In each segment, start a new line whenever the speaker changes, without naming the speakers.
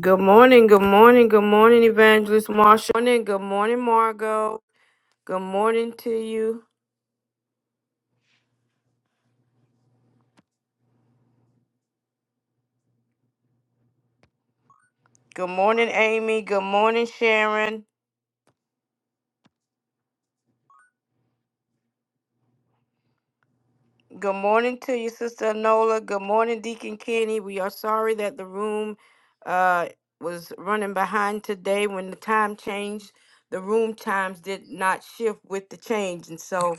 Good morning, good morning, good morning, Evangelist Marshall. Good morning, good morning, Margot. Good morning to you. Good morning, Amy. Good morning, Sharon. Good morning to you, Sister Nola. Good morning, Deacon Kenny. We are sorry that the room uh, was running behind today when the time changed. The room times did not shift with the change, and so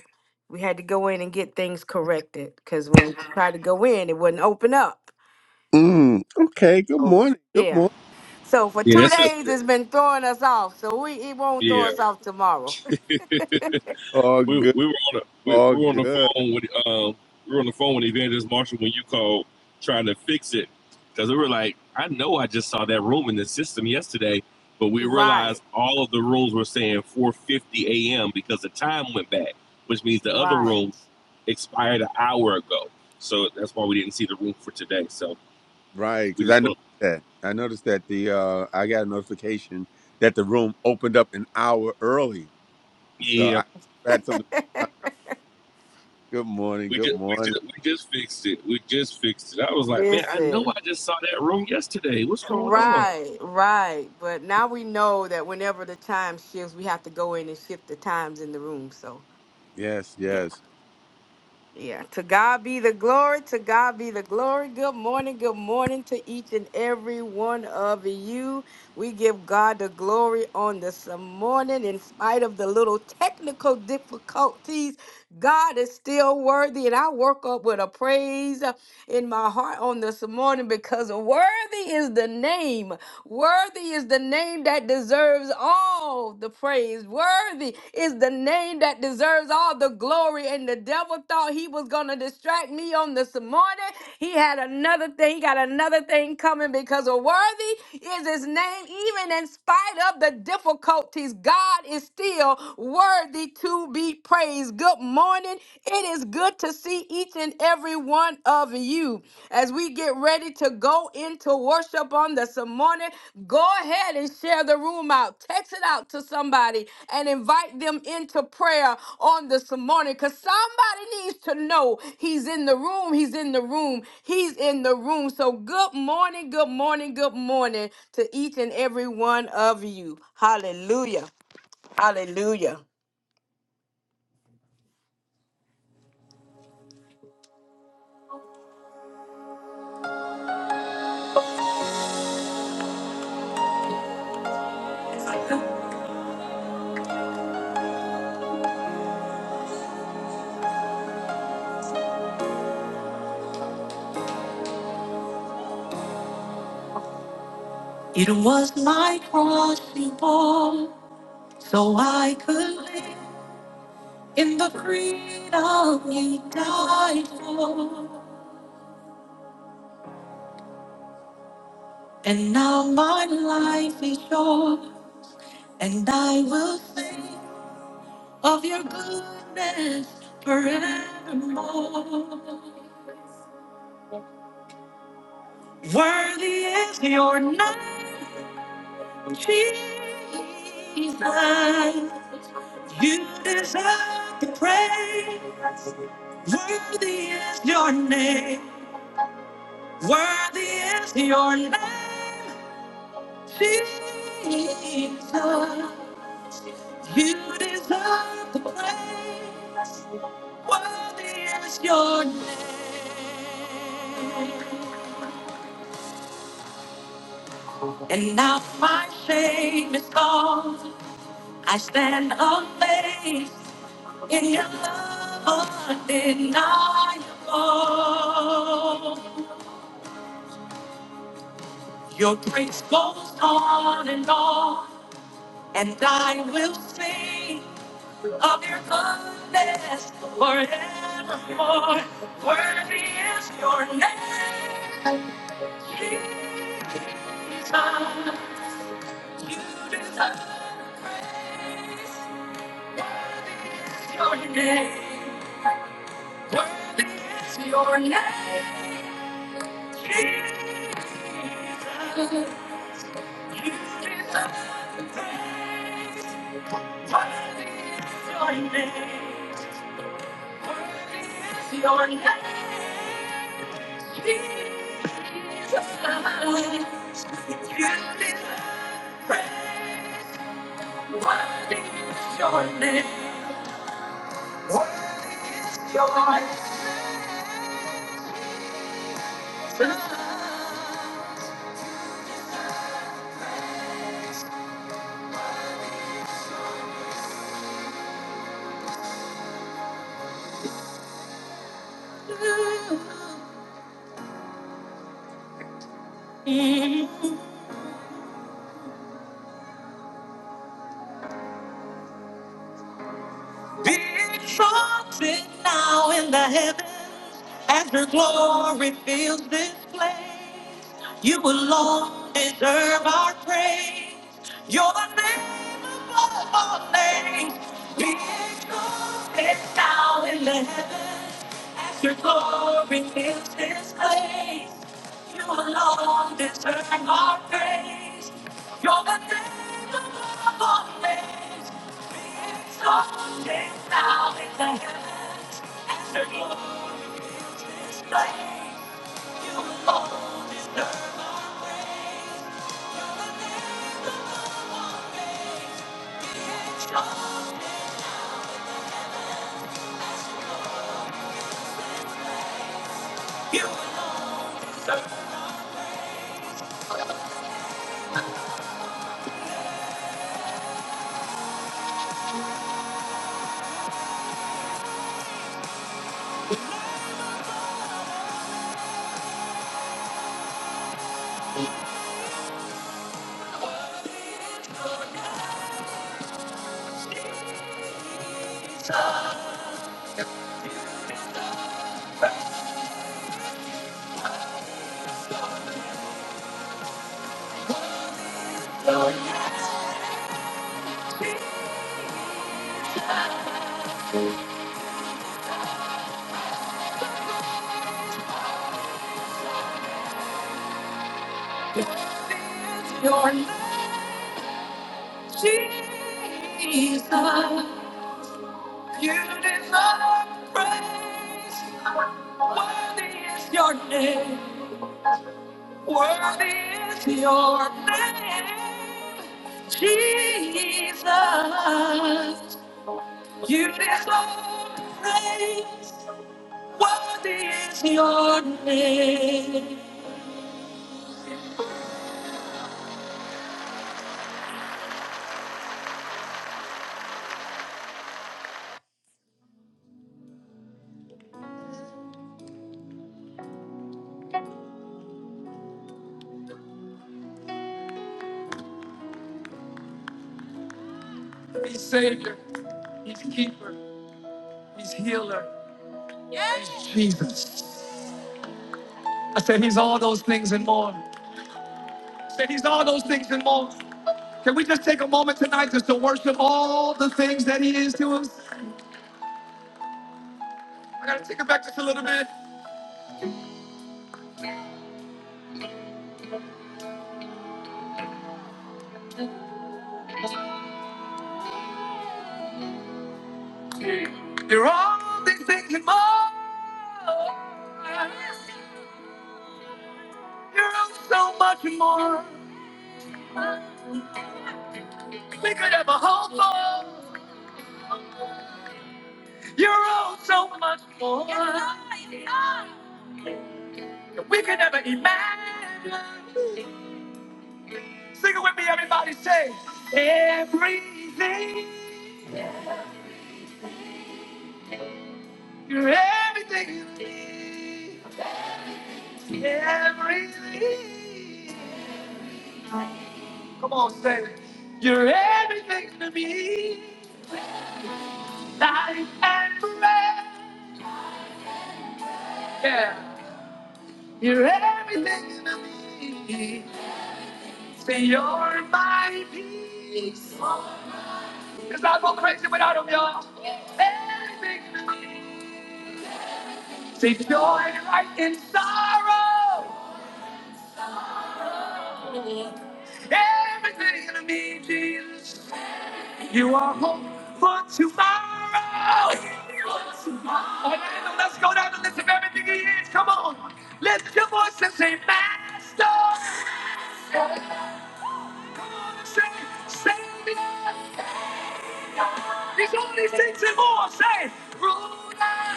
we had to go in and get things corrected because when we
Hmm.
tried to go in, it wouldn't open up.
Mm, okay. Good
Oh,
morning. Good
yeah.
morning.
So for
Yeah,
two
that's a,
days, it's been throwing us off. So we it won't throw
yeah.
us off tomorrow.
All
We
good.
we were on the we, we
All
were on the
good.
phone with um we were on the phone with Evangelist Marshall when you called trying to fix it because we were like, I know I just saw that room in the system yesterday, but we
Right,
realized all of the rooms were saying 4:50 a.m. because the time went back, which means the other room
right.
expired an hour ago. So that's why we didn't see the room for today. So
Right.
we
Because I
just want
noticed that. I noticed that the uh I got a notification that the room opened up an hour early.
to,
So
yeah.
I had something. Good morning.
We
Good
just, we
morning.
just, we just fixed it. We just fixed it. I was like, man, I know
Listen,
I just saw that room yesterday. What's going on?
right, right. But now we know that whenever the time shifts, we have to go in and shift the times in the room. So
Yes.
yeah.
Yes.
Yeah, to God be the glory, to God be the glory. Good morning, good morning to each and every one of you. We give God the glory on this morning, in spite of the little technical difficulties. God is still worthy, and I woke up with a praise in my heart on this morning because worthy is the name. Worthy is the name that deserves all the praise. Worthy is the name that deserves all the glory. And the devil thought he was going to distract me on this morning. He had another thing, he got another thing coming because worthy is his name. Even in spite of the difficulties, God is still worthy to be praised. Good morning. It is good to see each and every one of you. As we get ready to go into worship on this morning, go ahead and share the room out. Text it out to somebody and invite them into prayer on this morning because somebody needs to know he's in the room. He's in the room. He's in the room. So, good morning, good morning, good morning to each and every one of you. Hallelujah. Hallelujah. It was my cross you bore, so I could live. In the freedom you died for, and now my life is yours, and I will sing of your goodness forevermore. Worthy is your name, Jesus. You deserve the praise. Worthy is your name. Worthy is your name. Jesus, you deserve the praise. Worthy is your name. And now my shame is gone. I stand amazed in your love undeniable. Your grace goes on and on, and I will sing. of your goodness forevermore. Worthy is your name, Jesus. You deserve your name. Worthy is your name, Jesus. You deserve the praise. Worthy is your name. Your name, Jesus. You deserve the praise. What is your name? What's your name? Be exalted now in the heavens as your glory fills this place. You alone deserve our praise. You're the name above all names. Be exalted now in the heavens. Your glory fills this place. You alone deserve our praise. You're the name above all names. Be exalted now in the heavens. And your glory fills this place. You alone deserve our praise. You're the name above all names. You alone deserve our praise. Your name, your name. Jesus, you deserve praise. Worthy is your name. Worthy is your name. Jesus, you deserve praise. Worthy is your name. He's Savior, He's Keeper, He's Healer. Jesus. I said He's all those things and more. I said He's all those things and more. Can we just take a moment tonight just to worship all the things that He is to us? I gotta take it back just a little bit. You're all these things and more. You're all so much more. We could have hope for. You're all so much more. than We could never imagine. Sing it with me, everybody. Say everything. You're everything. to me. Everything. Come on, say, you're everything to me, life and breath. Yeah, you're everything to me. Say, you're my peace. Cause I go crazy without him, y'all. Everything to me. Say, joy right in sorrow. Everything to me, Jesus. You are hope for tomorrow. Orlando, let's go down the list of everything he is. Come on. Lift your voice and say, Master. Come on and say, Savior. He's only six and more. Say, Ruler.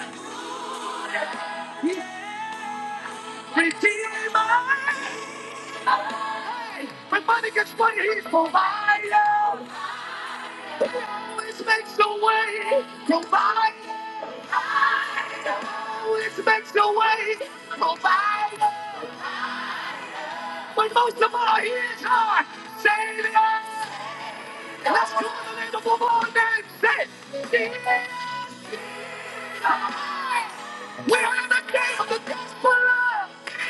Yeah. Redeemer. Hey, when money gets funny, he's provider. Always makes a way. Provider. Always makes a way, provider. But most of all, he is our Savior. Let's call the name of the Lord and say, "He is alive." We are in the day of the gospel. of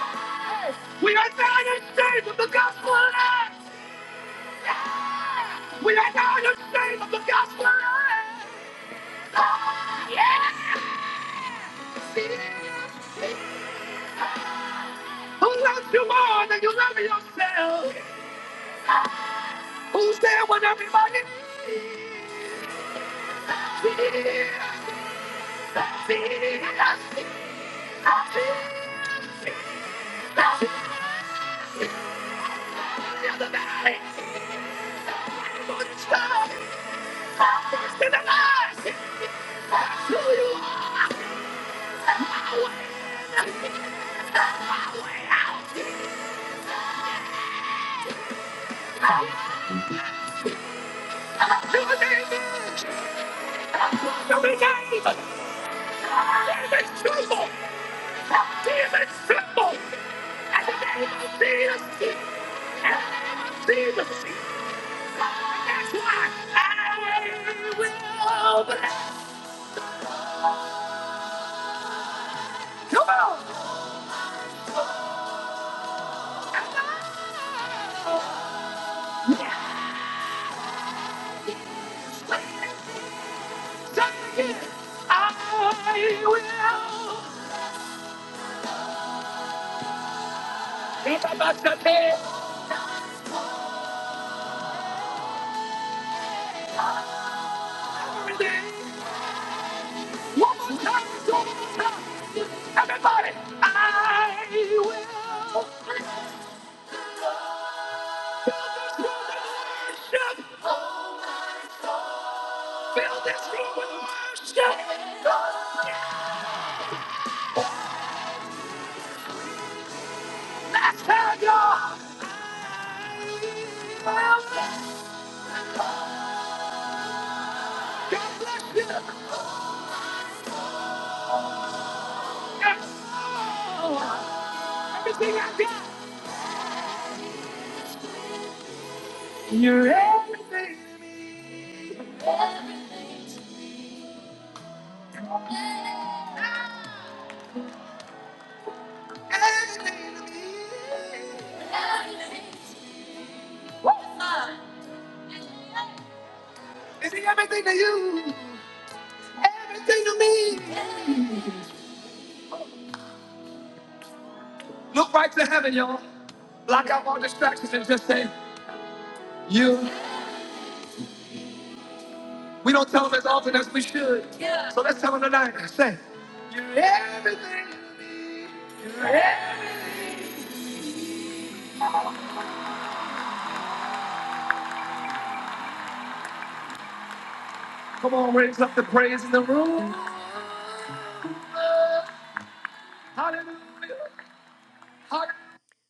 life. We are now in the state of the gospel. of life. Yeah. We are now in the state of the gospel. of life. Oh, Yeah. Who loves you more than you love yourself? Who's there when everybody? Jesus, Jesus, Jesus. You're the valley. I'm on the star. I'm first in the line. That's who you are. My way in, my way out. You're the name. You're the name. Demons tremble. Demons tremble. At the name of Jesus. At the name of Jesus. That's why I will bless. Come on. Come on. Say it. again. I will. It's about to be. One more time. Two more time. Everybody. I will. Fill this room with worship. Fill this room with worship. Let's have your will. God bless you. Yes. Everything I got. You're everything. Everything to me. Is he everything to you? Everything to me. Look right to heaven, y'all. Block out all distractions and just say, you. We don't tell them as often as we should. Yeah. So let's tell them tonight. Say, you're everything to me. You're e- Come on, raise up the praise in the room. Hallelujah.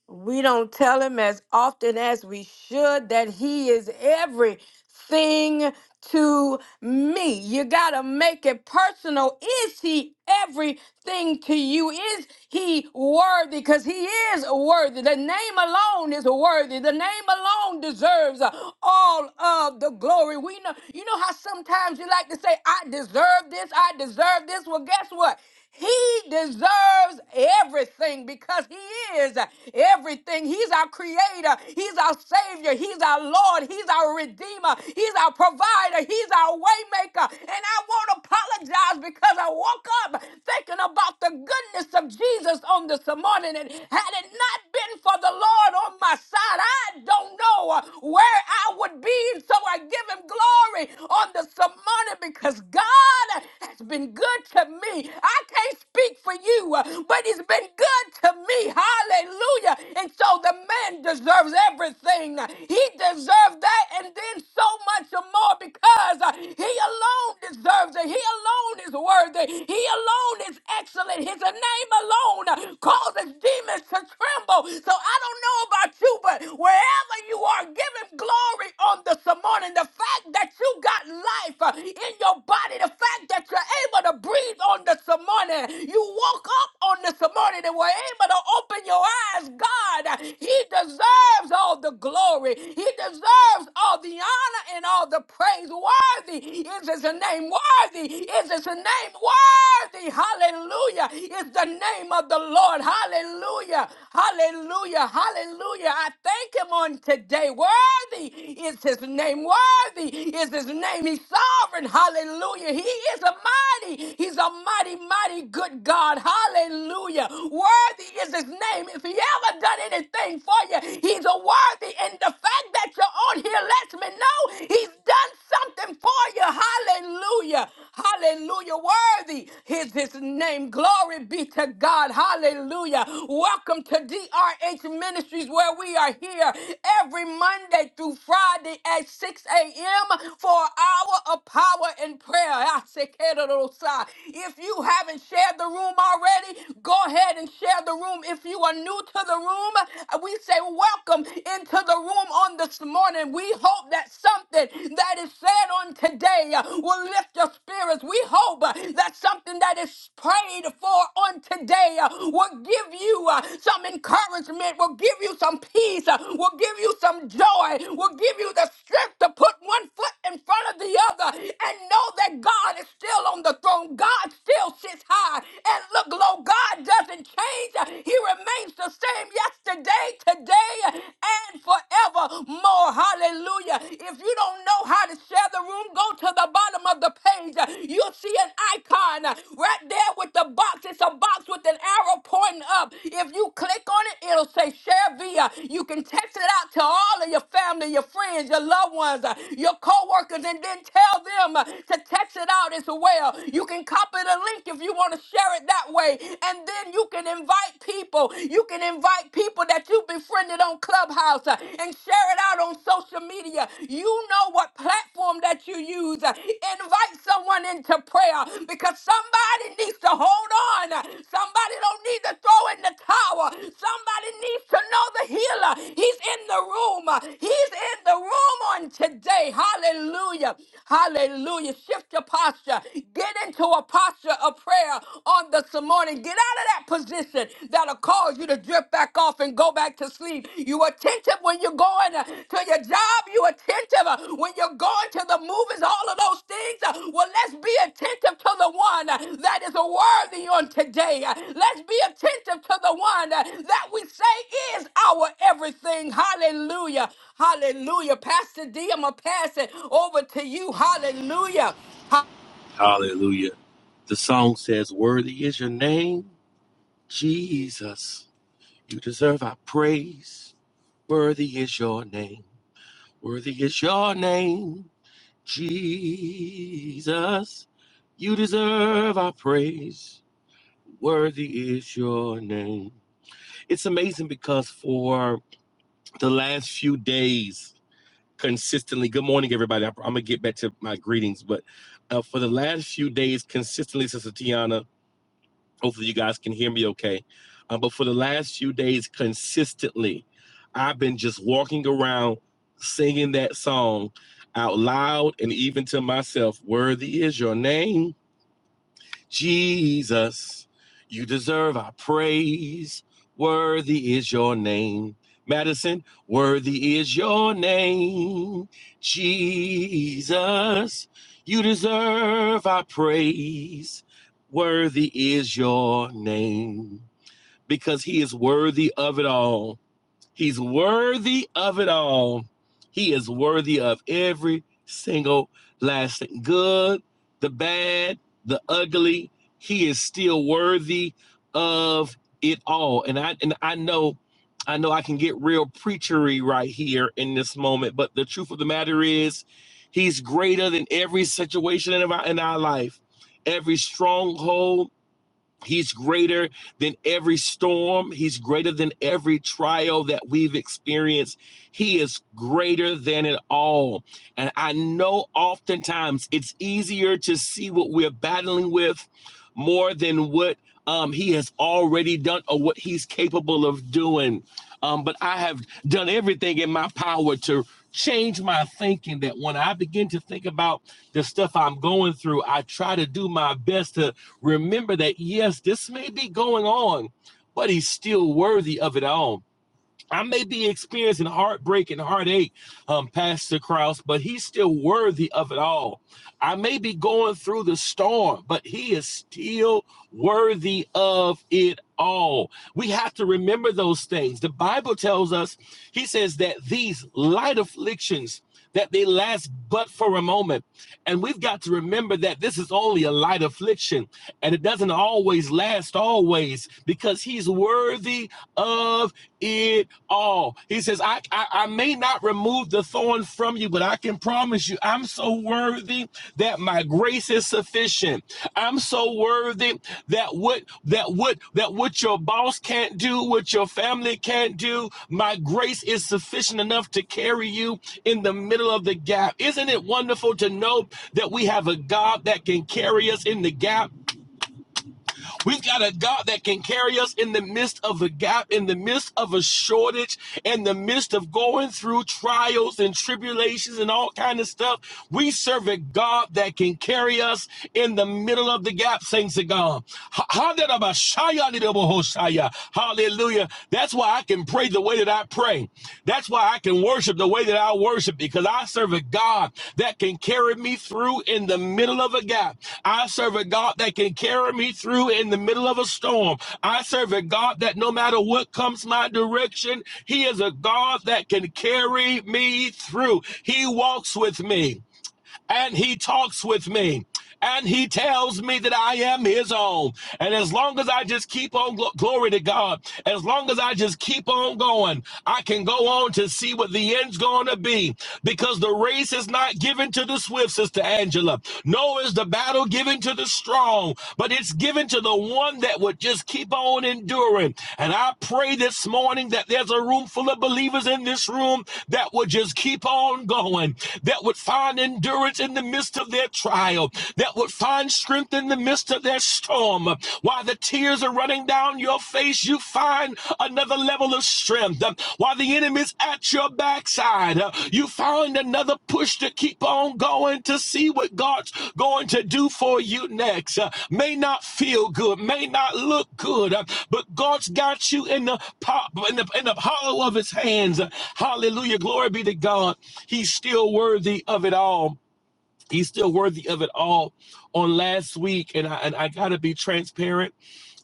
We don't tell him as often as we should that he is everything to me. You got to make it personal. Is he everything to you? Is he worthy? Because he is worthy. The name alone is worthy. The name alone deserves uh, all of the glory. We know, you know how sometimes you like to say, I deserve this, I deserve this. Well, guess what? He deserves everything because He is everything. He's our Creator, He's our Savior, He's our Lord, He's our Redeemer, He's our Provider, He's our Waymaker. And I won't apologize because I woke up thinking about the goodness of Jesus on this morning. And had it not been for the Lord on my side, I don't know uh, where I would be. So I give Him glory on this morning because God has been good to me. I can't speak for you, uh, but it's been good to me. Hallelujah. And so the man deserves everything. He deserves that and then so much more because uh, he alone deserves it. He alone is worthy. He alone is excellent. His name alone causes demons to tremble. So I don't know about you, but wherever you are, give him glory on this morning. The fact that you got life uh, in your body, the fact that you're able to breathe on this morning, you woke up on this morning and were able to open your eyes. God, uh, he deserves all the glory. He deserves all the honor and all the praise. Worthy is his name. Worthy worthy is his name. Worthy, hallelujah, is the name of the Lord. Hallelujah, hallelujah, hallelujah. I thank him on today. Worthy is his name. Worthy is his name. He's sovereign. Hallelujah. He is a mighty, he's a mighty, mighty good God. Hallelujah. Worthy is his name. If he ever done anything for you, he's a worthy. And the fact that you're on here lets me know he's done something for you. Hallelujah. Hallelujah. Worthy is his name. Glory be to God. Hallelujah. Welcome to DRH Ministries, where we are here every Monday through Friday at 6 a.m. for an hour of power and prayer. I say, "Kedorosa." If you haven't shared the room already, go ahead and share the room. If you are new to the room, we say, Welcome into the room on the this morning, we hope that something that is said on today uh, will lift your spirits. We hope uh, that something that is prayed for on today uh, will give you uh, some encouragement, will give you some peace, uh, will give you some joy, will give you the strength to put one foot in front of the other and know that God is still on the throne. God still sits high and look low. God doesn't change. He remains the same yesterday, today, and forevermore. Hallelujah. If you don't know how to share the room, go to the bottom of the page. You'll see an icon right there with the box. It's a box with an arrow pointing up. If you click on it, it'll say share via. You can text it out to all of your family, your friends, your loved ones, uh, your co-workers, and then tell them uh, to text it out as well. You can copy the link if you want to share it that way. And then you can invite invite people. You can invite people that you befriended on Clubhouse uh, and share it out on social media. You know what platform that you use. Uh, Invite someone into prayer because somebody needs to hold on. Uh, Somebody don't need to throw in the towel. Somebody needs to know the healer. He's in the room. Uh, He's in the room on today. Hallelujah. Hallelujah. Shift your posture. Get into a posture of prayer on this morning. Get out of that position that'll cause you to drift back off and go back to sleep. You attentive when you're going uh, to your job. You attentive uh, when you're going to the movies. All of those things. Uh, Well, let's be attentive to the one uh, that is worthy on today. Uh, Let's be attentive to the one uh, that we say is our everything. Hallelujah. Hallelujah. Pastor D, I'm going to pass it over to you. Hallelujah. Ha-
Hallelujah. The song says, "Worthy is your name, Jesus. You deserve our praise. Worthy is your name. Worthy is your name, Jesus. You deserve our praise. Worthy is your name." It's amazing because for the last few days consistently. Good morning, everybody. I, am gonna get back to my greetings, but uh, for the last few days, consistently, Sister Tiana, hopefully you guys can hear me okay. Uh, but for the last few days, consistently, I've been just walking around singing that song out loud and even to myself. Worthy is your name. Jesus, you deserve our praise. Worthy is your name. Madison, worthy is your name. Jesus, you deserve our praise. Worthy is your name because he is worthy of it all. He's worthy of it all. He is worthy of every single last thing. Good, the bad, the ugly. He is still worthy of it all. And I and I know, I know I can get real preachery right here in this moment, but the truth of the matter is he's greater than every situation in our in our life, every stronghold He's greater than every storm. He's greater than every trial that we've experienced. He is greater than it all. And I know oftentimes it's easier to see what we're battling with more than what um, he has already done or what he's capable of doing. Um, but I have done everything in my power to change my thinking that when I begin to think about the stuff I'm going through, I try to do my best to remember that yes, this may be going on, but he's still worthy of it all. I may be experiencing heartbreak and heartache, um, Pastor Krause, but he's still worthy of it all. I may be going through the storm, but he is still worthy of it all. We have to remember those things. The Bible tells us, he says that these light afflictions, that they last but for a moment and we've got to remember that this is only a light affliction and it doesn't always last always because he's worthy of it all. He says, I, I, I may not remove the thorn from you, but I can promise you I'm so worthy that my grace is is sufficient. I'm so worthy that what that what that what your boss can't do, what your family can't do, my grace is sufficient enough to carry you in the middle of the gap. Isn't it wonderful to know that we have a God that can carry us in the gap? We've got a God that can carry us in the midst of a gap, in the midst of a shortage, in the midst of going through trials and tribulations and all kind of stuff. We serve a God that can carry us in the middle of the gap, saints of God. Ha- ha- da- da- ba- shaya- di- Hallelujah. That's why I can pray the way that I that I pray. That's why I can worship the way that I worship because I serve a God that can carry me through in the middle of a gap. I serve a God that can carry me through in the middle of a storm. I serve a God that no matter what comes my direction, He is a God that can carry me through. He walks with me and he talks with me and he tells me that I am his own. And as long as I just keep on, gl- glory to God, as long as I just keep on going, I can go on to see what the end's going to be because the race is not given to the swift, Sister Angela. No is the battle given to the strong, but it's given to the one that would just keep on enduring. And I pray this morning that there's a room full of believers in this room that would just keep on going, that would find endurance endurance in the midst of their trial, that would find strength in the midst of their storm. While the tears are running down your face, you find another level of strength. While the enemy's at your backside, uh, you find another push to keep on going to see what God's going to do for you next. Uh, May not feel good, may not look good, uh, but God's got you in the pop in the, in the hollow of his hands. Uh, Hallelujah. Glory be to God. He's still worthy of it all. He's still worthy of it all. On last week, and I, and I got to be transparent.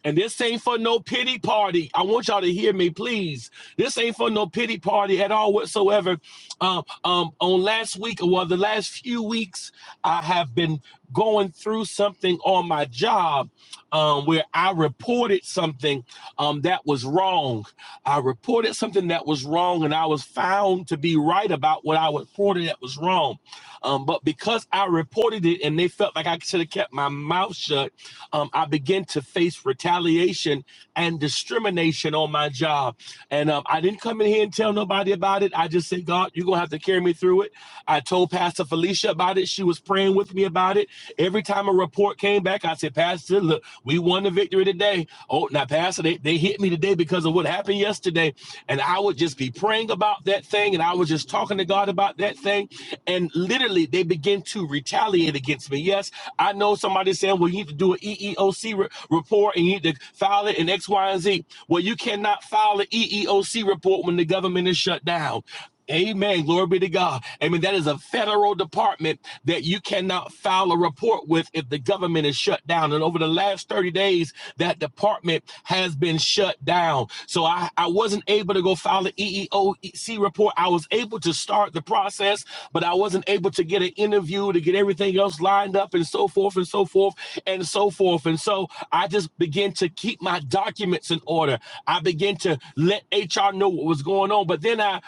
And this ain't for no pity party. I want y'all to hear me, please. This ain't for no pity party at all whatsoever. Um, um, on last week, or well, the last few weeks, I have been going through something on my job um, where I reported something um, that was wrong. I reported something that was wrong, and I was found to be right about what I reported that was wrong. Um, but because I reported it and they felt like I should have kept my mouth shut, um, I began to face retaliation and discrimination on my job. And um, I didn't come in here and tell nobody about it. I just said, God, you're going to have to carry me through it. I told Pastor Felicia about it. She was praying with me about it. Every time a report came back, I said, Pastor, look, we won the victory today. Oh, now, Pastor, they, they hit me today because of what happened yesterday and I would just be praying about that thing and I was just talking to God about that thing and literally they begin to retaliate against me. Yes, I know somebody saying, well, you need to do an EEOC re- report and you need to file it in X, Y, and Z. Well, you cannot file an EEOC report when the government is shut down. Amen. Glory be to God. Amen. That is a federal department that you cannot file a report with if the government is shut down. And over the last 30 days, that department has been shut down. So I, I wasn't able to go file the EEOC report. I was able to start the process, but I wasn't able to get an interview to get everything else lined up and so forth and so forth and so forth. And so I just began to keep my documents in order. I began to let HR know what was going on. But then I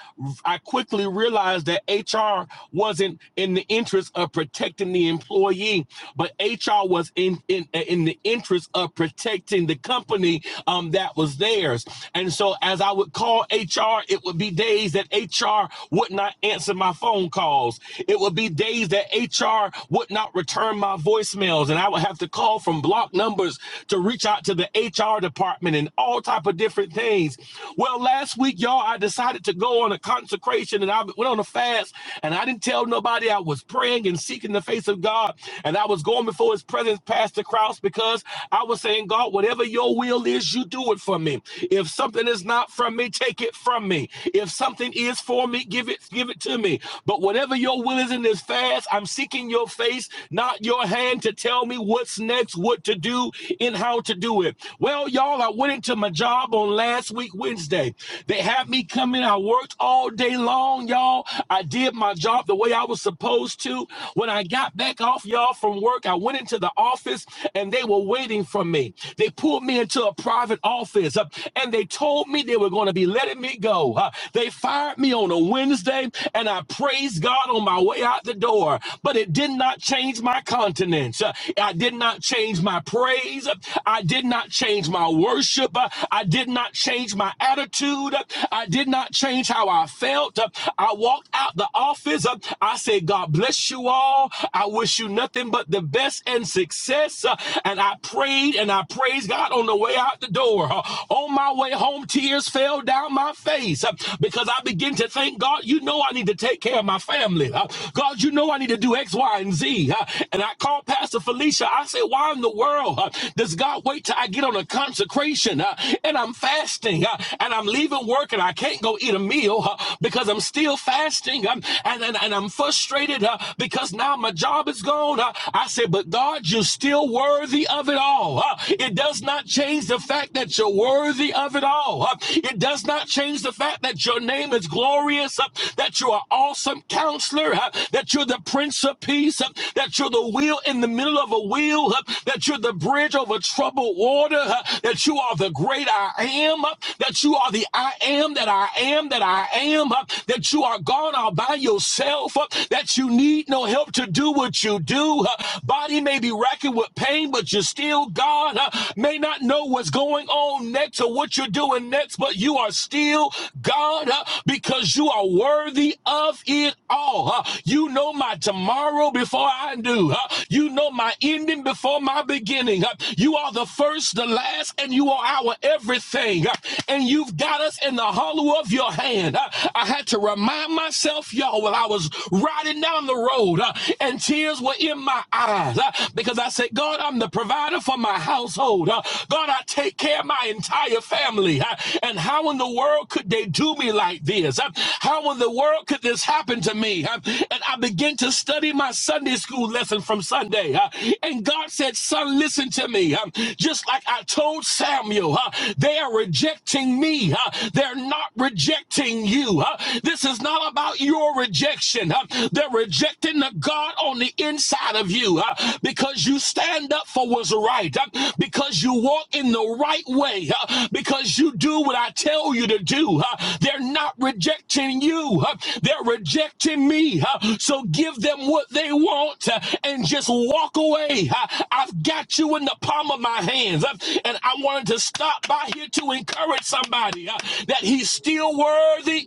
I I quickly realized that HR wasn't in the interest of protecting the employee, but HR was in in, in the interest of protecting the company um, that was theirs. And so, as I would call HR, it would be days that HR would not answer my phone calls. It would be days that HR would not return my voicemails, and I would have to call from block numbers to reach out to the HR department and all type of different things. Well, last week, y'all, I decided to go on a consecration consecration and I went on a fast and I didn't tell nobody I was praying and seeking the face of God and I was going before his presence, Pastor Krause, because I was saying, God, whatever your will is, you do it for me. If something is not from me, take it from me. If something is for me, give it, give it to me. But whatever your will is in this fast, I'm seeking your face, not your hand to tell me what's next, what to do, and how to do it. Well, y'all, I went into my job on last week, Wednesday. They had me come in. I worked all day day long, y'all. I did my job the way I was supposed to. When I got back off, y'all, from work, I went into the office and they were waiting for me. They pulled me into a private office uh, and they told me they were going to be letting me go. Uh, they fired me on a Wednesday and I praised God on my way out the door, but it did not change my continence. Uh, I did not change my praise. uh. I did not change my worship. Uh, I did not change my attitude. uh. I did not change how I felt felt. uh, I walked out the office. uh, I said, God bless you all. I wish you nothing but the best and success. uh, And I prayed and I praised God on the way out the door. Uh, On my way home, tears fell down my face uh, because I began to thank God, you know, I need to take care of my family. Uh, God, you know, I need to do X, Y, and Z. Uh, And I called Pastor Felicia. I said, Why in the world uh, does God wait till I get on a consecration uh, and I'm fasting uh, and I'm leaving work and I can't go eat a meal? uh, because I'm still fasting I'm, and, and, and I'm frustrated uh, because now my job is gone. Uh, I said, But God, you're still worthy of it all. Uh, it does not change the fact that you're worthy of it all. Uh, it does not change the fact that your name is glorious, uh, that you are awesome counselor, uh, that you're the prince of peace, uh, that you're the wheel in the middle of a wheel, uh, that you're the bridge over troubled water, uh, that you are the great I am, uh, that you are the I am that I am that I am am, uh, that you are gone all by yourself, uh, that you need no help to do what you do. uh, Body may be racking with pain, but you're still God. uh, May not know what's going on next or what you're doing next, but you are still God uh, because you are worthy of it all. uh, You know my tomorrow before I do. uh, You know my ending before my beginning. uh, You are the first, the last, and you are our everything. uh, And you've got us in the hollow of your hand. uh, I had to remind myself, y'all, while I was riding down the road uh, and tears were in my eyes uh, because I said, God, I'm the provider for my household. Uh, God, I take care of my entire family. Uh, and how in the world could they do me like this? Uh, how in the world could this happen to me? Uh, and I began to study my Sunday school lesson from Sunday. Uh, and God said, Son, listen to me. Um, just like I told Samuel, uh, they are rejecting me, uh, they're not rejecting you you. huh? This is not about your rejection. huh? They're rejecting the God on the inside of you huh? because you stand up for what's right, huh? because you walk in the right way, huh? because you do what I tell you to do. huh? They're not rejecting you, huh? they're rejecting me. huh? So give them what they want huh? and just walk away. huh? I've got you in the palm of my hands. huh? And I wanted to stop by here to encourage somebody huh, that he's still worthy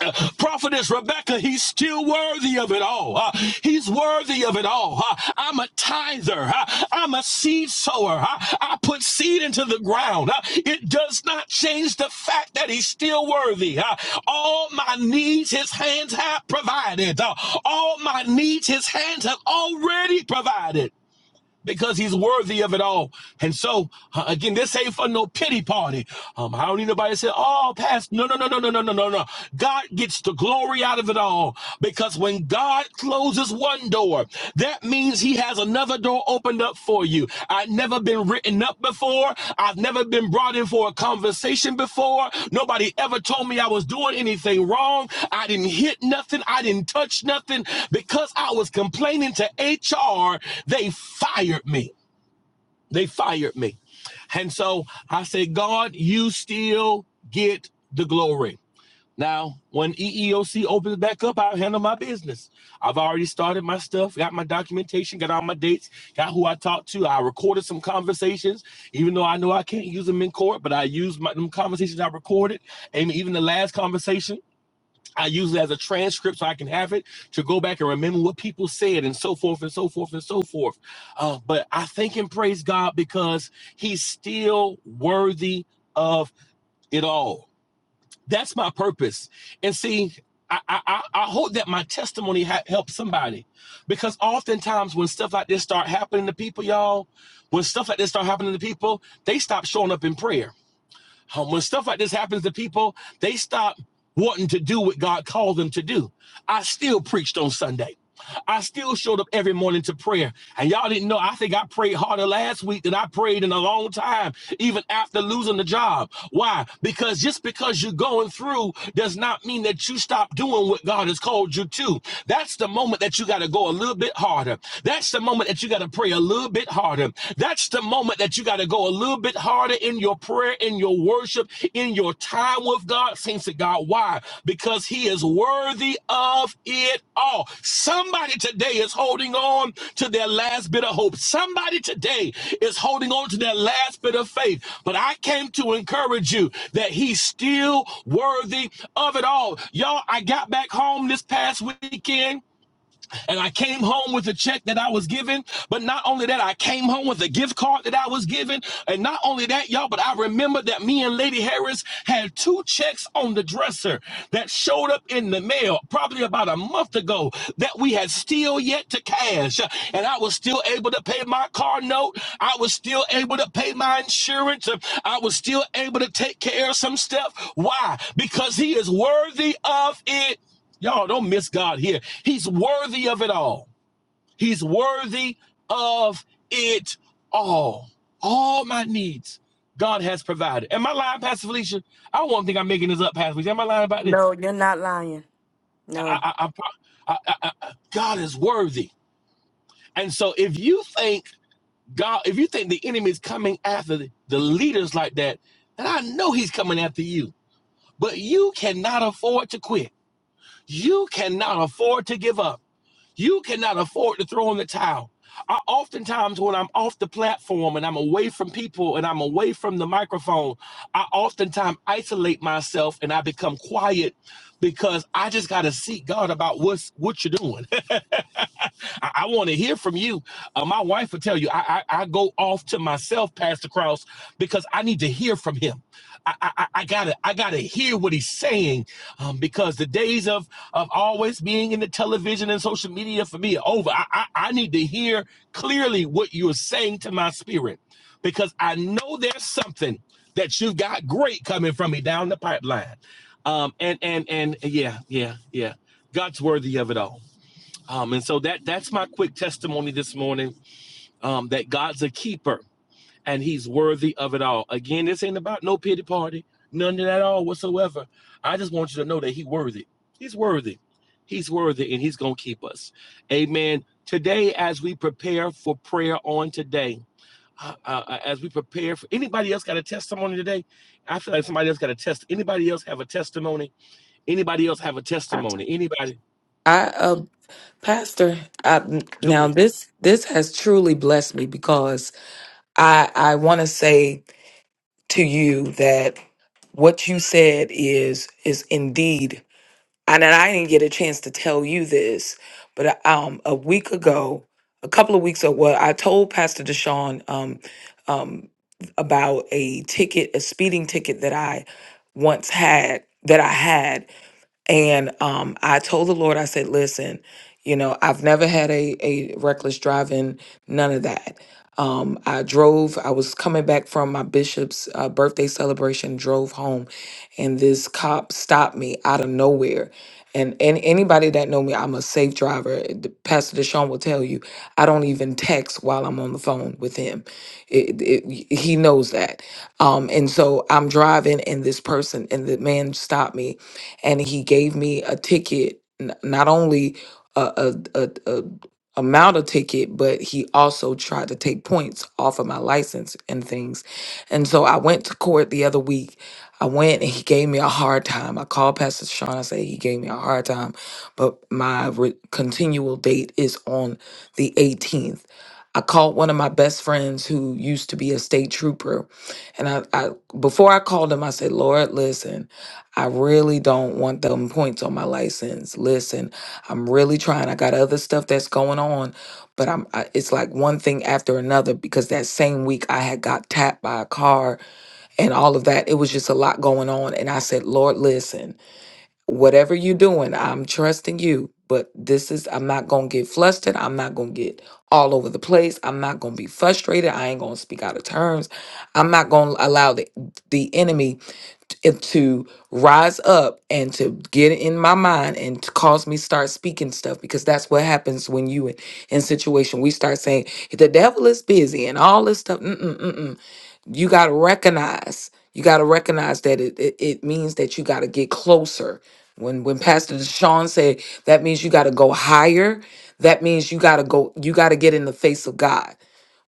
uh, prophetess Rebecca, he's still worthy of it all. Uh, he's worthy of it all. Uh, I'm a tither. Uh, I'm a seed sower. Uh, I put seed into the ground. Uh, it does not change the fact that he's still worthy. Uh, all my needs his hands have provided. Uh, all my needs his hands have already provided because he's worthy of it all. And so, uh, again, this ain't for no pity party. Um, I don't need nobody to say, oh, Pastor, no, no, no, no, no, no, no, no, no. God gets the glory out of it all because when God closes one door, that means he has another door opened up for you. I've never been written up before. I've never been brought in for a conversation before. Nobody ever told me I was doing anything wrong. I didn't hit nothing. I didn't touch nothing. Because I was complaining to HR, they fired me. They fired me. And so I said, God, you still get the glory. Now, when EEOC opens back up, I'll handle my business. I've already started my stuff, got my documentation, got all my dates, got who I talked to. I recorded some conversations, even though I know I can't use them in court, but I used my, them conversations I recorded. And even the last conversation, I use it as a transcript so I can have it to go back and remember what people said and so forth and so forth and so forth. Uh, but I thank and praise God because he's still worthy of it all. That's my purpose. And see, I, I, I hope that my testimony ha- helps somebody because oftentimes when stuff like this start happening to people, y'all, when stuff like this start happening to people, they stop showing up in prayer um, when stuff like this happens to people, they stop wanting to do what God called them to do. I still preached on Sunday. I still showed up every morning to prayer. And y'all didn't know, I think I prayed harder last week than I prayed in a long time, even after losing the job. Why? Because just because you're going through does not mean that you stop doing what God has called you to. That's the moment that you got to go a little bit harder. That's the moment that you got to pray a little bit harder harder. That's the moment that you got to go a little bit harder in your prayer, in your worship, in your time with God. Saints of God, why? Because He is worthy of it all. Somebody today is holding on to their last bit of hope. Somebody today is holding on to their last bit of faith. But I came to encourage you that He's still worthy of it all. Y'all, I got back home this past weekend. And I came home with a check that I was given. But not only that, I came home with a gift card that I was given. And not only that, y'all, but I remember that me and Lady Harris had two checks on the dresser that showed up in the mail probably about a month ago that we had still yet to cash. And I was still able to pay my car note. I was still able to pay my insurance. I was still able to take care of some stuff. Why? Because he is worthy of it. Y'all don't miss God here. He's worthy of it all. He's worthy of it all. All my needs, God has provided. Am I lying, Pastor Felicia? I won't think I'm making this up, Pastor Felicia. Am I lying about this?
No, you're not lying.
I,
No.
I, I, I, I, God is worthy. And so if you think God, if you think the enemy is coming after the, the leaders like that, then I know he's coming after you. But you cannot afford to quit. You cannot afford to give up. You cannot afford to throw in the towel. I oftentimes when I'm off the platform and I'm away from people and I'm away from the microphone, I oftentimes isolate myself and I become quiet because I just gotta seek God about what's what you're doing. I, I want to hear from you. Uh, my wife will tell you I, I I go off to myself, Pastor Cross, because I need to hear from him. I, I, I gotta I gotta hear what he's saying um, because the days of of always being in the television and social media for me are over. I, I I need to hear clearly what you're saying to my spirit because I know there's something that you've got great coming from me down the pipeline. Um, and and and yeah yeah yeah, God's worthy of it all. Um, and so that that's my quick testimony this morning um, that God's a keeper and he's worthy of it all. Again, this ain't about no pity party, none of that at all whatsoever. I just want you to know that he's worthy. He's worthy. He's worthy and he's going to keep us. Amen. Today, as we prepare for prayer on today, uh, uh, as we prepare for anybody else got a testimony today? I feel like somebody else got a test. Anybody else have a testimony? Anybody else have a
I
testimony? Anybody?
uh pastor I,
Go
now
ahead.
this this has truly blessed me because I I want to say to you that what you said is is indeed and I didn't get a chance to tell you this but um a week ago a couple of weeks ago well, I told Pastor Deshaun um um about a ticket a speeding ticket that I once had that I had And um, I told the Lord, I said, listen, you know, I've never had a, a reckless driving, none of that. Um, I drove, I was coming back from my bishop's uh, birthday celebration, drove home, and this cop stopped me out of nowhere. And, and anybody that know me, I'm a safe driver. The- Pastor Deshaun will tell you, I don't even text while I'm on the phone with him. It, it, he knows that. Um, and so I'm driving, and this person and the man stopped me and he gave me a ticket, n- not only a, a, a, a amount of ticket, but he also tried to take points off of my license and things. And so I went to court the other week. I went and he gave me a hard time. I called Pastor Sean. I said he gave me a hard time, but my re- continual date is on the 18th. I called one of my best friends who used to be a state trooper, and I, I before I called him, I said, "Lord, listen." I really don't want them points on my license. Listen, I'm really trying. I got other stuff that's going on, but I'm I, it's like one thing after another because that same week I had got tapped by a car and all of that. It was just a lot going on and I said, "Lord, listen. Whatever you're doing, I'm trusting you, but this is I'm not going to get flustered. I'm not going to get all over the place. I'm not going to be frustrated. I ain't going to speak out of terms. I'm not going to allow the the enemy and to rise up and to get in my mind and to cause me start speaking stuff because that's what happens when you in, in situation we start saying the devil is busy and all this stuff mm-mm, mm-mm. you got to recognize you got to recognize that it, it, it means that you got to get closer when when pastor Sean said that means you got to go higher that means you got to go you got to get in the face of god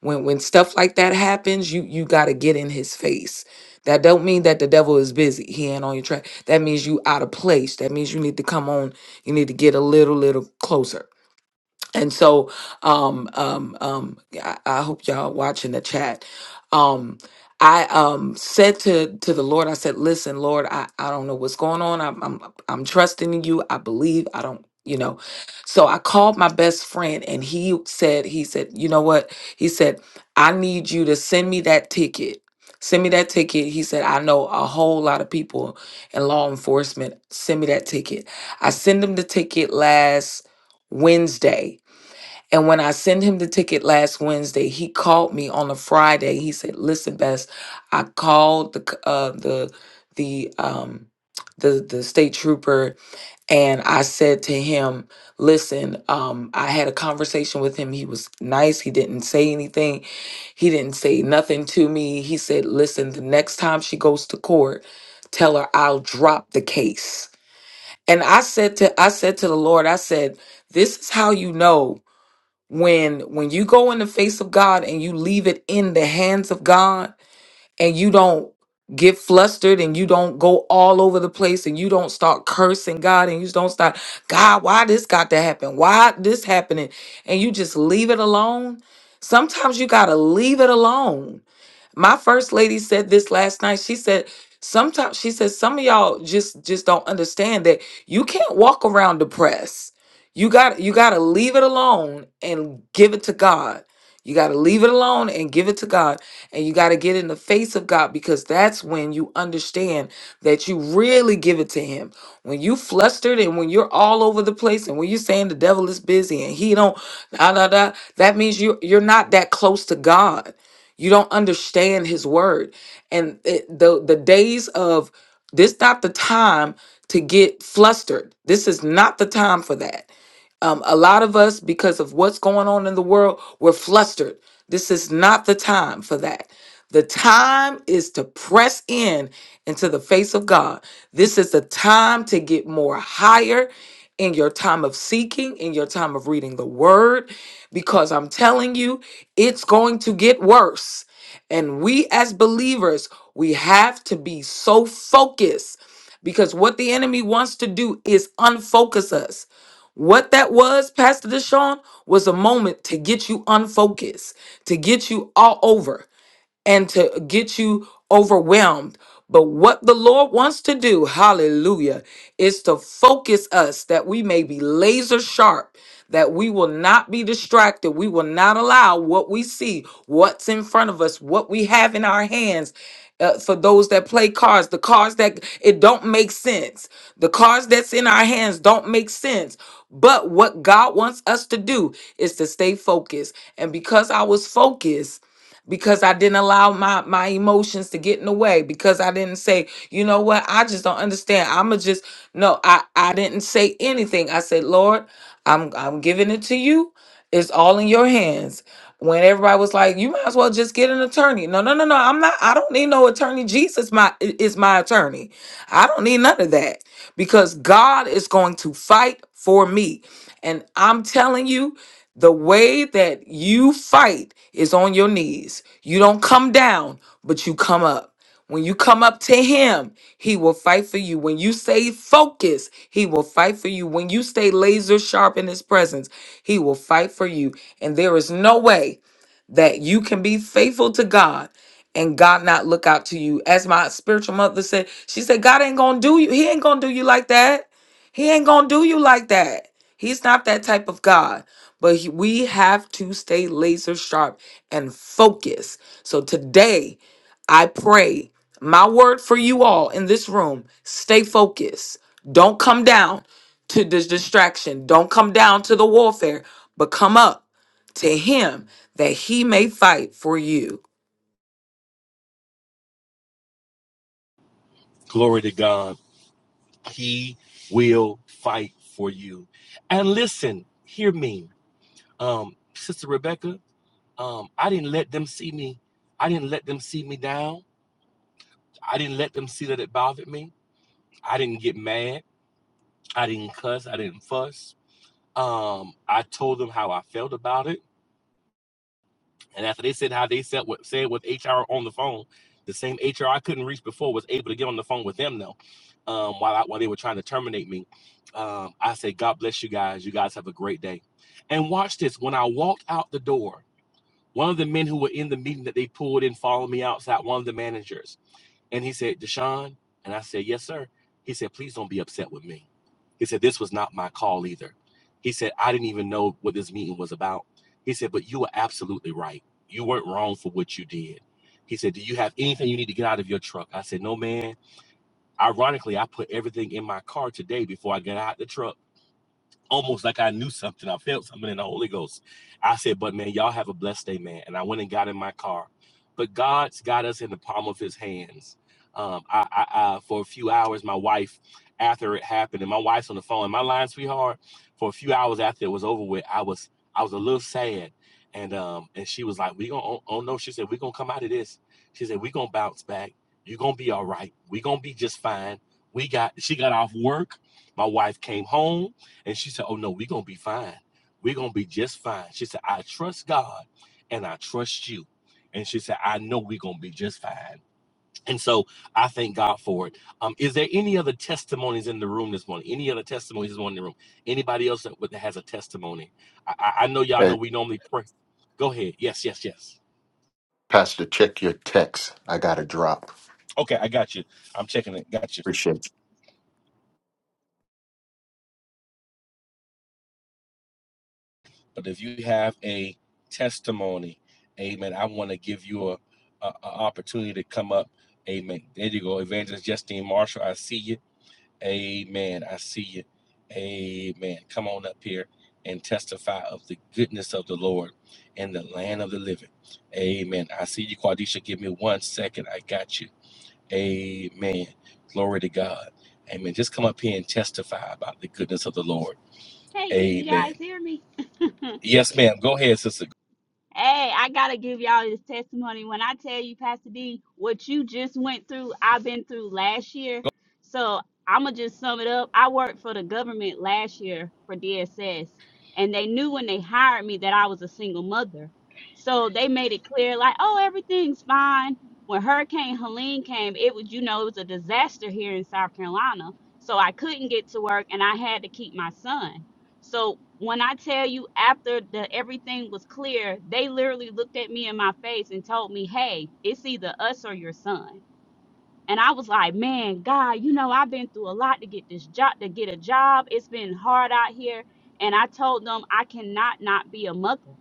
when when stuff like that happens you you got to get in his face that don't mean that the devil is busy he ain't on your track that means you out of place that means you need to come on you need to get a little little closer and so, um, um, um, I, I hope y'all watching the chat. Um, I um said to to the Lord, I said, "Listen, Lord, I I don't know what's going on. I'm I'm I'm trusting in you. I believe. I don't." You know, so I called my best friend and he said, he said, you know what? He said, I need you to send me that ticket. Send me that ticket. He said, I know a whole lot of people in law enforcement. Send me that ticket. I send him the ticket last Wednesday and when I sent him the ticket last Wednesday, he called me on a Friday. He said, "Listen, Bess, I called the c- uh, the the um the the state trooper, and I said to him, "Listen, um, I had a conversation with him. He was nice. He didn't say anything. He didn't say nothing to me. He said, "Listen, the next time she goes to court, tell her I'll drop the case." And I said to I said to the Lord, I said, "This is how you know." when when you go in the face of God and you leave it in the hands of God and you don't get flustered and you don't go all over the place and you don't start cursing God and you don't start God why this got to happen why this happening and you just leave it alone sometimes you got to leave it alone my first lady said this last night. She said, sometimes she said, some of y'all just just don't understand that you can't walk around depressed. You got you gotta leave it alone and give it to God. You gotta leave it alone and give it to God. And you gotta get in the face of God because that's when you understand that you really give it to him. When you flustered and when you're all over the place and when you're saying the devil is busy and he don't da da da, that means you you're not that close to God you don't understand his word. And it, the the days of this not the time to get flustered. This is not the time for that. Um, a lot of us, because of what's going on in the world, we're flustered. This is not the time for that. The time is to press in into the face of God. This is the time to get more higher in your time of seeking, in your time of reading the word, because I'm telling you, it's going to get worse. And we as believers, we have to be so focused because what the enemy wants to do is unfocus us. What that was, Pastor Deshaun, was a moment to get you unfocused, to get you all over and to get you overwhelmed. But what the Lord wants to do, hallelujah, is to focus us that we may be laser sharp, that we will not be distracted. We will not allow what we see, what's in front of us, what we have in our hands. uh, for those that play cards, the cards that it don't make sense. The cards that's in our hands don't make sense. But what God wants us to do is to stay focused. And because I was focused, because I didn't allow my my emotions to get in the way because I didn't say, you know what, I just don't understand. I'ma just no, I I didn't say anything. I said, Lord, I'm I'm giving it to you. It's all in your hands. When everybody was like, you might as well just get an attorney. No, no, no, no. I'm not. I don't need no attorney. Jesus my i- is my attorney. I don't need none of that because God is going to fight for me. And I'm telling you. The way that you fight is on your knees. You don't come down, but you come up. When you come up to him, he will fight for you. When you stay focused, he will fight for you. When you stay laser sharp in his presence, he will fight for you. And there is no way that you can be faithful to God and God not look out to you. As my spiritual mother said, she said, God ain't gonna do you. He ain't gonna do you like that. He ain't gonna do you like that. He's not that type of God. But he- we have to stay laser sharp and focus. So today, I pray my word for you all in this room stay focused. Don't come down to this distraction. Don't come down to the warfare, but come up to him that he may fight for you.
Glory to God. He will fight for you. And listen, hear me um, Sister Rebecca, um, I didn't let them see me. I didn't let them see me down. I didn't let them see that it bothered me. I didn't get mad. I didn't cuss. I didn't fuss. Um, I told them how I felt about it, and after they said how they said what said with HR on the phone, the same HR I couldn't reach before was able to get on the phone with them though. Um, while I, while they were trying to terminate me, um, I said, "God bless you guys. You guys have a great day." And watch this. When I walked out the door, One of the men who were in the meeting that they pulled in followed me outside, one of the managers. And he said, Deshaun, and I said, Yes, sir. He said, Please don't be upset with me. He said, This was not my call either. He said, I didn't even know what this meeting was about. He said, But you were absolutely right. You weren't wrong for what you did. He said, Do you have anything you need to get out of your truck? I said, No, man. Ironically, I put everything in my car today before I got out the truck almost like I knew something. I felt something in the Holy Ghost. I said, but man, y'all have a blessed day, man. And I went and got in my car. But God's got us in the palm of his hands. Um, I, I, I for a few hours, my wife, after it happened, and my wife's on the phone, and my line, sweetheart, for a few hours after it was over with, I was I was a little sad. And um, and she was like, We gonna oh, oh no, she said, We're gonna come out of this. She said, We're gonna bounce back. You're gonna be all right. We're gonna be just fine. We got she got off work. My wife came home and she said, Oh no, we're gonna be fine. We're gonna be just fine. She said, I trust God and I trust you. And she said, I know we're gonna be just fine. And so I thank God for it. Um, is there any other testimonies in the room this morning? Any other testimonies in the room? Anybody else that, that has a testimony? I I know y'all know
Hey,
we normally pray. Go ahead. Yes, yes, yes.
Pastor, check your text. I got a drop.
Okay, I got you. I'm checking it. Got you.
Appreciate you.
But if you have a testimony, amen, I want to give you a, a, a opportunity to come up. Amen. There you go. Evangelist Justine Marshall, I see you. Amen. I see you. Amen. Come on up here and testify of the goodness of the Lord in the land of the living. Amen. I see you, Quadisha. Give me one second. I got you. Amen. Glory to God. Amen. Just come up here and testify about the goodness of the Lord.
Hey, can you guys
Amen.
hear me?
Yes, ma'am. Go ahead, sister.
Hey, I gotta give y'all this testimony. When I tell you, Pastor D, what you just went through, I've been through last year. So I'ma just sum it up. I worked for the government last year for DSS, and they knew when they hired me that I was a single mother. So they made it clear, like, oh, everything's fine. When Hurricane Helene came, it was, you know, it was a disaster here in South Carolina. So I couldn't get to work and I had to keep my son. So when I tell you after the everything was clear, they literally looked at me in my face and told me, "Hey, it's either us or your son." And I was like, "Man, God, you know I've been through a lot to get this job, to get a job. It's been hard out here." And I told them I cannot not be a mother.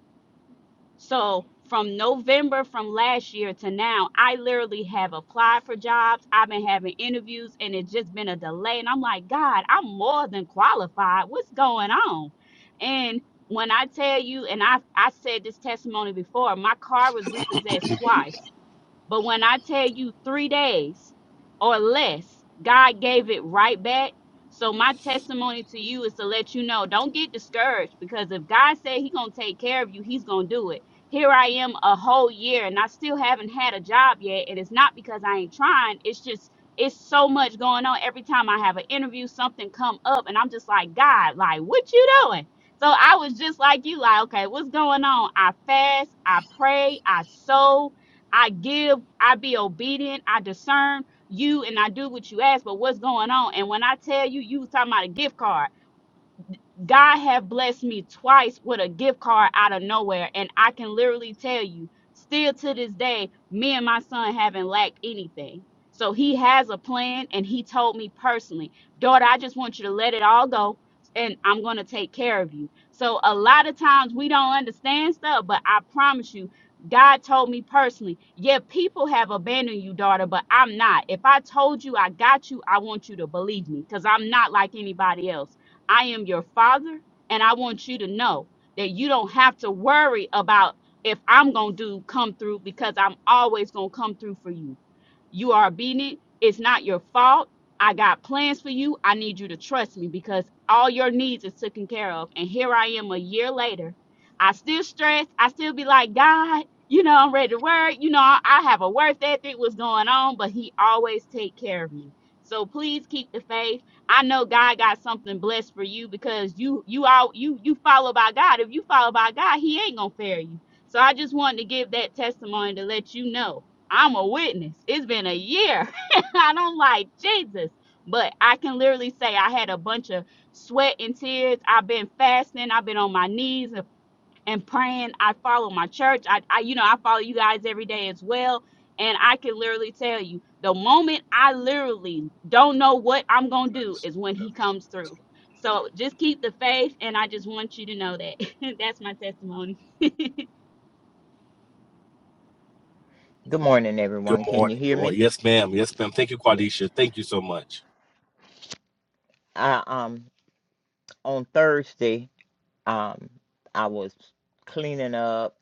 So from November from last year to now, I literally have applied for jobs. I've been having interviews and it's just been a delay. And I'm like, God, I'm more than qualified. What's going on? And when I tell you, and I I said this testimony before, my car was repossessed twice but when I tell you three days or less, God gave it right back. So my testimony to you is to let you know, don't get discouraged because if God said He's gonna take care of you, He's gonna do it. Here I am a whole year and I still haven't had a job yet. And it's not because I ain't trying. It's just it's so much going on. Every time I have an interview, something come up and I'm just like, God, like what you doing? So I was just like you, like, okay, what's going on? I fast, I pray, I sow, I give, I be obedient, I discern you, and I do what you ask. But what's going on? And when I tell you, you was talking about a gift card. God have blessed me twice with a gift card out of nowhere, and I can literally tell you, still to this day, me and my son haven't lacked anything. So he has a plan, and he told me personally, daughter, I just want you to let it all go, and I'm gonna take care of you. So a lot of times we don't understand stuff, but I promise you. God told me personally, yeah, people have abandoned you, daughter, but I'm not. If I told you I got you, I want you to believe me because I'm not like anybody else. I am your father, and I want you to know that you don't have to worry about if I'm going to do come through because I'm always going to come through for you. You are obedient. It's not your fault. I got plans for you. I need you to trust me because all your needs is taken care of. And here I am a year later. I still stress. I still be like, God, you know, I'm ready to work. You know, I I have a work ethic. What's going on? But He always take care of me. So please keep the faith I know God got something blessed for you because you you all you you follow by God. If you follow by God, He ain't gonna fail you. So I just wanted to give that testimony to let you know I'm a witness. It's been a year, and I'm like Jesus, but I can literally say I had a bunch of sweat and tears. I've been fasting. I've been on my knees and praying. I follow my church. I, I you know, I follow you guys every day as well. And I can literally tell you, the moment I literally don't know what I'm gonna do is when he comes through. So just keep the faith, and I just want you to know that. That's my testimony.
Good morning,
Good
everyone. Can you
morning.
hear
Good
me?
morning. Yes, ma'am. Yes, ma'am. Thank you,
Yeah.
Quadisha. Thank you so much.
I um on Thursday, um I was cleaning up.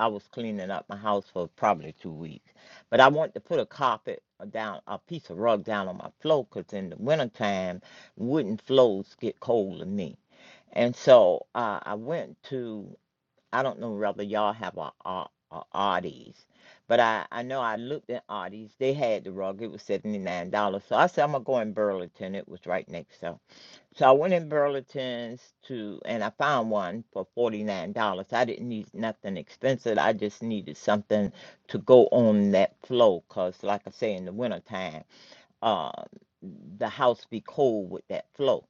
I was cleaning up my house for probably two weeks, but I wanted to put a carpet down, a piece of rug down on my floor, cause in the wintertime, wooden floors get cold to me. And so uh, I went to I don't know whether y'all have a, a, a Arby's, but I, I know I looked at Arby's. They had the rug. It was seventy nine dollars. So I said I'm gonna go in Burlington. It was right next door. So I went in Burlington's to and I found one for forty nine dollars. I didn't need nothing expensive. I just needed something to go on that flow, cause like I say in the wintertime, uh, the house be cold with that flow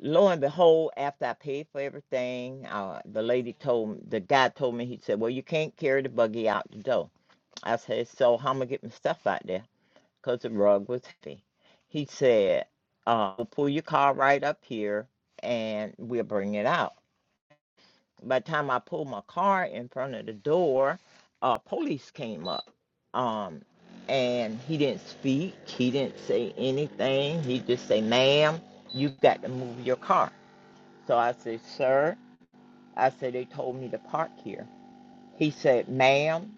lo and behold, after I paid for everything, uh, the lady told the guy told me, he said, Well, you can't carry the buggy out the door. I said, So how am I going to get my stuff out there? Because the rug was heavy. He said, uh, "We'll Pull your car right up here and we'll bring it out. By the time I pulled my car in front of the door, uh, police came up. Um, and he didn't speak. He didn't say anything. He just said, Ma'am, you've got to move your car. So I said, Sir, I said, they told me to park here. He said, Ma'am,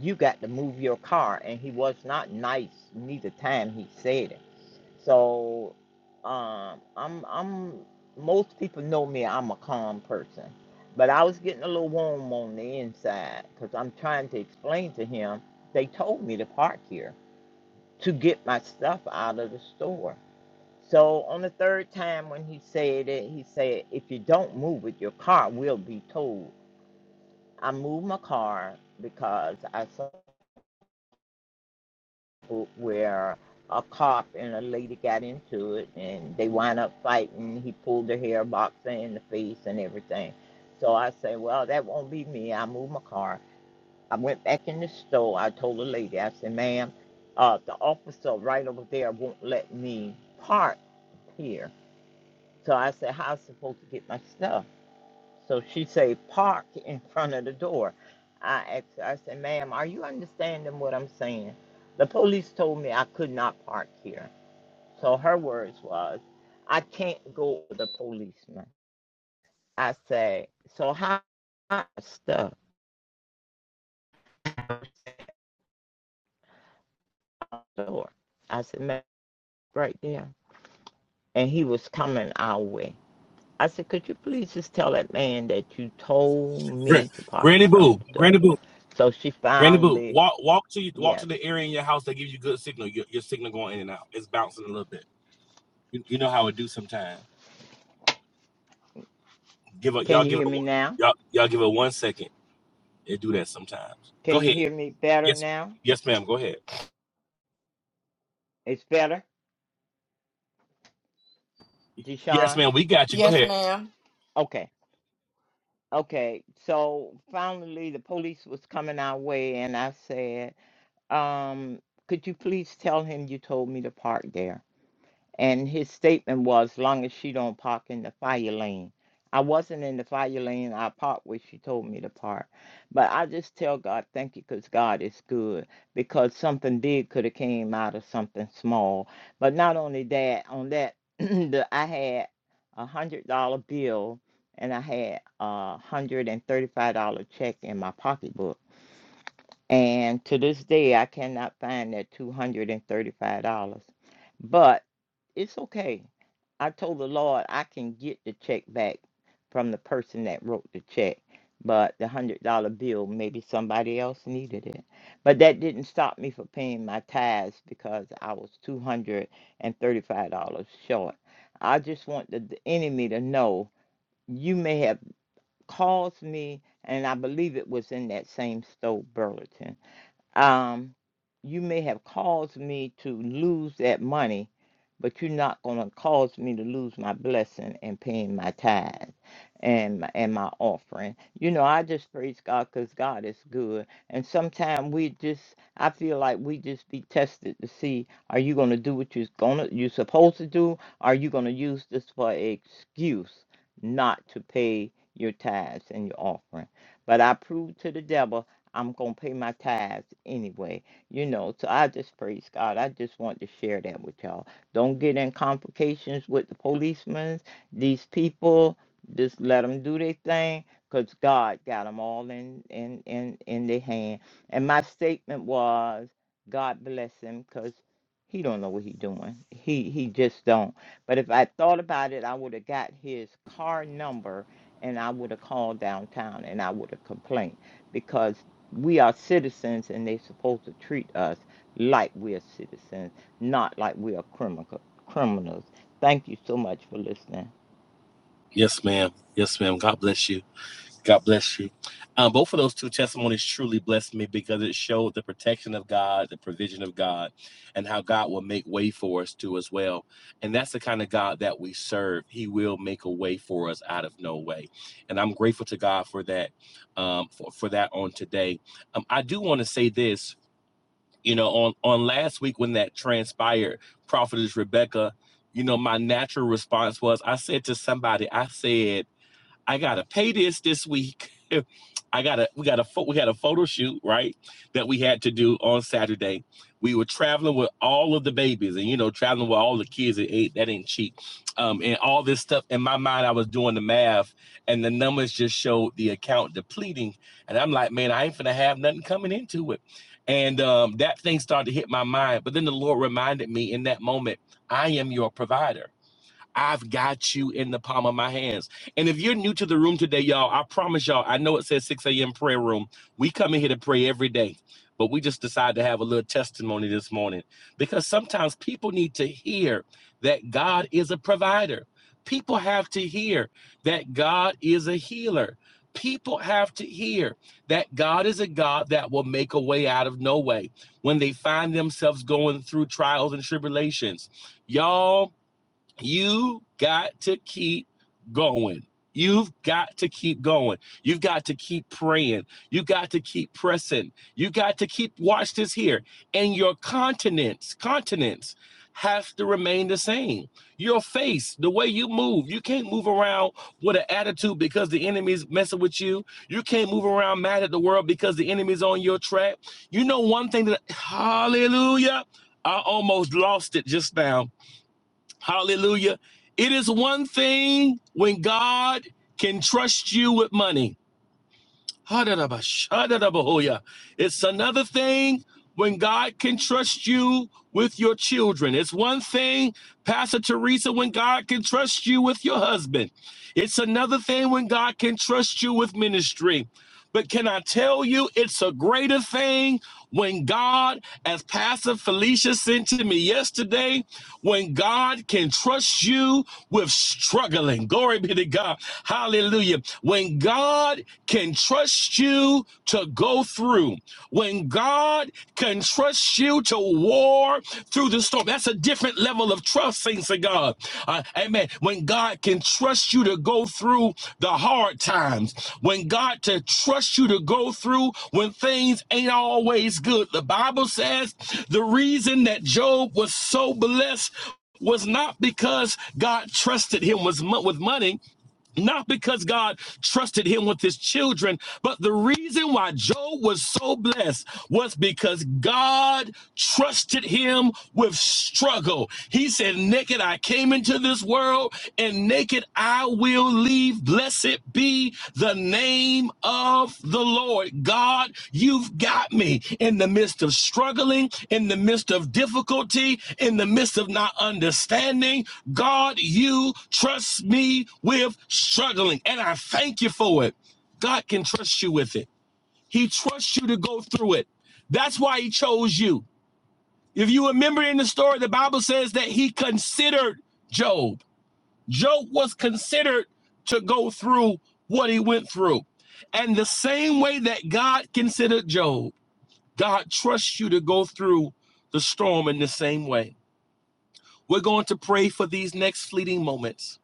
you got to move your car. And he was not nice neither time he said it. So um, I'm, I'm, most people know me, I'm a calm person. But I was getting a little warm on the inside because I'm trying to explain to him, they told me to park here to get my stuff out of the store. So on the third time when he said it, he said, if you don't move it, your car will be towed. I moved my car because I saw where a cop and a lady got into it and they wound up fighting. He pulled her hair box in the face and everything. So I said, well, that won't be me. I moved my car. I went back in the store. I told the lady, I said, ma'am, uh, the officer right over there won't let me park here. So I said, How am I supposed to get my stuff? So she say, Park in front of the door. I asked her, I said, Ma'am, are you understanding what I'm saying? The police told me I could not park here. So her words was, I can't go with the policeman. I say, So how how my stuff out the door? I said, Ma'am, right there. And he was coming our way. I said, Could you please just tell that man that you told
Gra-
me to park in
Granny
front of
Boo.
the door?
Granny Boo.
So she
Granny Boo.
finally
Walk walk to you walk
Yes.
to the area in your house that gives you good signal. Your, your signal going in and out. It's bouncing a little bit. You, you know how it do sometimes. Give up
Can
y'all
you
give it
hear me
one-
now?
y'all y'all give it one second. It do that sometimes. Go
Can you
ahead.
hear me better
Yes.
now?
Yes, ma'am. Go ahead.
It's better,
Yes,
Deshaun?
ma'am. We got you. Go
Yes,
ahead.
ma'am.
Okay. Okay. So finally, the police was coming our way, and I said, um, could you please tell him you told me to park there? and his statement was, "Long as she don't park in the fire lane." I wasn't in the fire lane. I parked where she told me to park. But I just tell God, thank you, because God is good. Because something big could have came out of something small. But not only that, on that, the, I had a one hundred dollar bill and I had a one hundred and thirty five dollar check in my pocketbook. And to this day, I cannot find that $235. But it's okay. I told the Lord I can get the check back from the person that wrote the check. But the $100 bill, maybe somebody else needed it. But that didn't stop me from paying my tithes because I was $235 short. I just want the, the enemy to know you may have caused me, and I believe it was in that same stove, Burlington um, you may have caused me to lose that money, but you're not going to cause me to lose my blessing and paying my tithe and my, and my offering. You know, I just praise God because God is good. And sometimes we just, I feel like we just be tested to see, are you going to do what you're going to, you're supposed to do? Are you going to use this for an excuse not to pay your tithes and your offering? But I proved to the devil. I'm gonna pay my tithes anyway, you know. So I just praise God. I just want to share that with y'all. Don't get in complications with the policemen, these people. Just let them do their thing, 'cause God got them all in in in in their hand. And my statement was, God bless him, 'cause he don't know what he doing. He he just don't. But if I thought about it, I would have got his car number and I would have called downtown and I would have complained because we are citizens and they're supposed to treat us like we're citizens, not like we are criminal, criminals. Thank you so much for listening.
Yes, ma'am. Yes, ma'am. God bless you. God bless you. Um, both of those two testimonies truly blessed me because it showed the protection of God, the provision of God, and how God will make way for us too as well. And that's the kind of God that we serve. He will make a way for us out of no way. And I'm grateful to God for that, um, for, for that on today. Um, I do want to say this, you know, on, on last week when that transpired, Prophetess Rebecca, you know, my natural response was I said to somebody, I said, I gotta pay this this week. I gotta we got a we had a photo shoot right that we had to do on Saturday. We were traveling with all of the babies, and you know traveling with all the kids It ain't that ain't cheap, um, and all this stuff. In my mind, I was doing the math, and the numbers just showed the account depleting, and I'm like, man, I ain't finna have nothing coming into it, and um, that thing started to hit my mind. But then the Lord reminded me in that moment, I am your provider. I've got you in the palm of my hands. And if you're new to the room today, y'all, I promise y'all, I know it says 6 a.m. prayer room. We come in here to pray every day, but we just decided to have a little testimony this morning because sometimes people need to hear that God is a provider. People have to hear that God is a healer. People have to hear that God is a God that will make a way out of no way when they find themselves going through trials and tribulations. Y'all, you got to keep going. You've got to keep going. You've got to keep praying. You've got to keep pressing. You got to keep watch this here. And your continents, continents have to remain the same. Your face, the way you move, you can't move around with an attitude because the enemy's messing with you. You can't move around mad at the world because the enemy's on your track. You know one thing that hallelujah. I almost lost it just now Hallelujah. It is one thing when God can trust you with money. ha It's another thing when God can trust you with your children. It's one thing, Pastor Teresa, when God can trust you with your husband. It's another thing when God can trust you with ministry. But can I tell you, it's a greater thing when God as Pastor Felicia sent to me yesterday, when God can trust you with struggling. Glory be to God. Hallelujah. When God can trust you to go through, when God can trust you to war through the storm, that's a different level of trust, saints of God. Uh, amen. When God can trust you to go through the hard times, when God to trust you to go through when things ain't always good. The Bible says the reason that Job was so blessed was not because God trusted him with, mo- with money not because God trusted him with his children, but the reason why Job was so blessed was because God trusted him with struggle. He said, Naked I came into this world, and naked I will leave. Blessed be the name of the Lord. God, you've got me in the midst of struggling, in the midst of difficulty, in the midst of not understanding. God, you trust me with struggling, and I thank you for it. God can trust you with it. He trusts you to go through it. That's why he chose you. If you remember in the story, the Bible says that he considered Job. Job was considered to go through what he went through. And the same way that God considered Job, God trusts you to go through the storm in the same way. We're going to pray for these next fleeting moments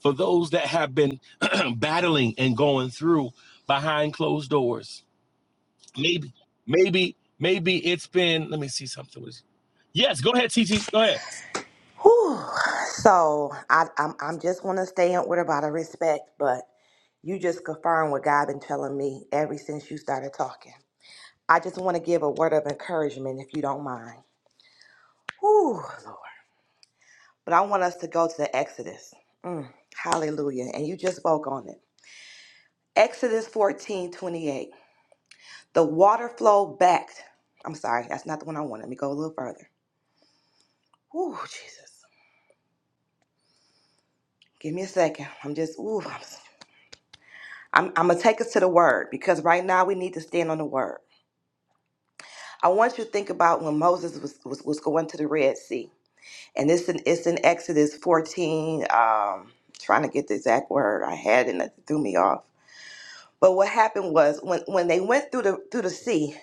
for those that have been battling and going through behind closed doors. Maybe, maybe, maybe it's been, let me see something. Yes, go ahead, T T. Go ahead.
Whew. So I, I'm I'm just want to stay in order by the respect, but you just confirm what God been telling me ever since you started talking. I just want to give a word of encouragement, if you don't mind. Whew, Lord. But I want us to go to the Exodus. Mm, hallelujah. And you just spoke on it. Exodus 14 28. The water flowed back. I'm sorry, that's not the one I wanted. Let me go a little further. Whew, Jesus. Give me a second. I'm just, ooh, I'm I'm, I'm gonna take us to the word because right now we need to stand on the word. I want you to think about when Moses was was, was going to the Red Sea, and it's in it's in Exodus 14. Um, trying to get the exact word I had, and it threw me off. But what happened was when when they went through the through the sea,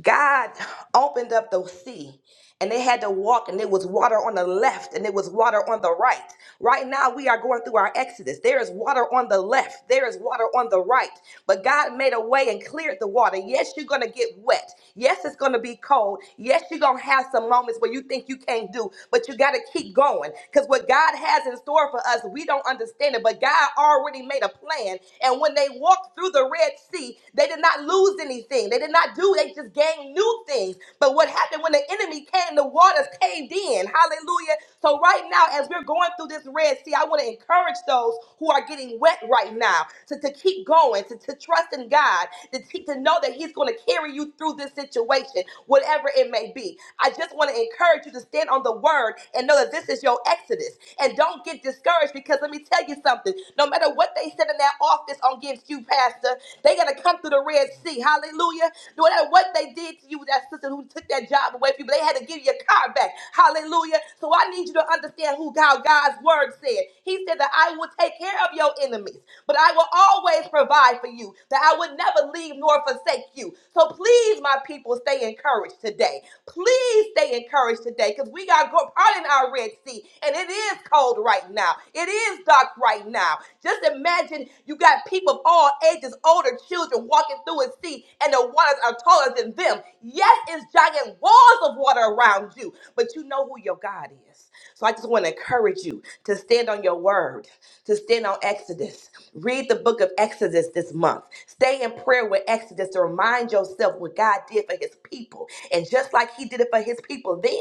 God opened up the sea, and they had to walk, and there was water on the left, and there was water on the right. Right now, we are going through our exodus. There is water on the left, there is water on the right, but God made a way and cleared the water. Yes, you're going to get wet. Yes, it's going to be cold. Yes, you're going to have some moments where you think you can't do, but you got to keep going because what God has in store for us, we don't understand it, but God already made a plan. And when they walked through the Red Sea, they did not lose anything. They did not do, they just gained new things. But what happened when the enemy came, the waters came? caved in. Hallelujah. So, right now, as we're going through this Red Sea, I want to encourage those who are getting wet right now to, to keep going, to, to trust in God, to, te- to know that He's going to carry you through this situation, whatever it may be. I just want to encourage you to stand on the word and know that this is your exodus. And don't get discouraged because let me tell you something no matter what they said in that office against you, Pastor, they got to come through the Red Sea. Hallelujah. No matter what they did did to you, that sister who took that job away from you, but they had to give you your car back. Hallelujah. So I need you to understand who God, God's word said. He said that I will take care of your enemies, but I will always provide for you, that I would never leave nor forsake you. So please, my people, stay encouraged today. Please stay encouraged today because we got to go part in our Red Sea and it is cold right now. It is dark right now. Just imagine you got people of all ages, older children walking through a sea and the waters are taller than them. Yes, it's giant walls of water around you, but you know who your God is. So I just want to encourage you to stand on your word, to stand on Exodus. Read the book of Exodus this month. Stay in prayer with Exodus to remind yourself what God did for his people. And just like he did it for his people then,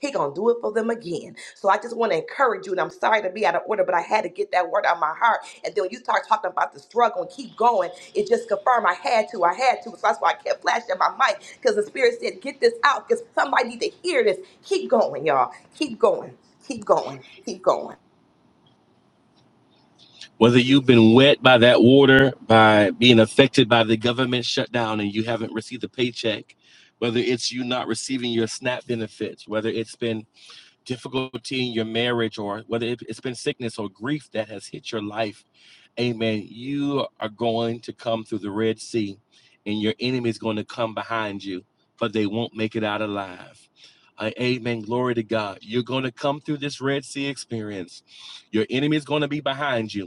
he gonna do it for them again. So I just want to encourage you, and I'm sorry to be out of order, but I had to get that word out of my heart and then when you start talking about the struggle and keep going, it just confirmed I had to, I had to. So that's why I kept flashing my mic because the spirit said, get this out because somebody need to hear this. Keep going, y'all. Keep going. Keep going. Keep going.
whether you've been wet by that water, by being affected by the government shutdown and you haven't received a paycheck, whether it's you not receiving your SNAP benefits, whether it's been difficulty in your marriage, or whether it- has been sickness or grief that has hit your life, amen, you are going to come through the Red Sea and your enemy is going to come behind you, but they won't make it out alive. Uh, amen. Glory to God. You're going to come through this Red Sea experience. Your enemy is going to be behind you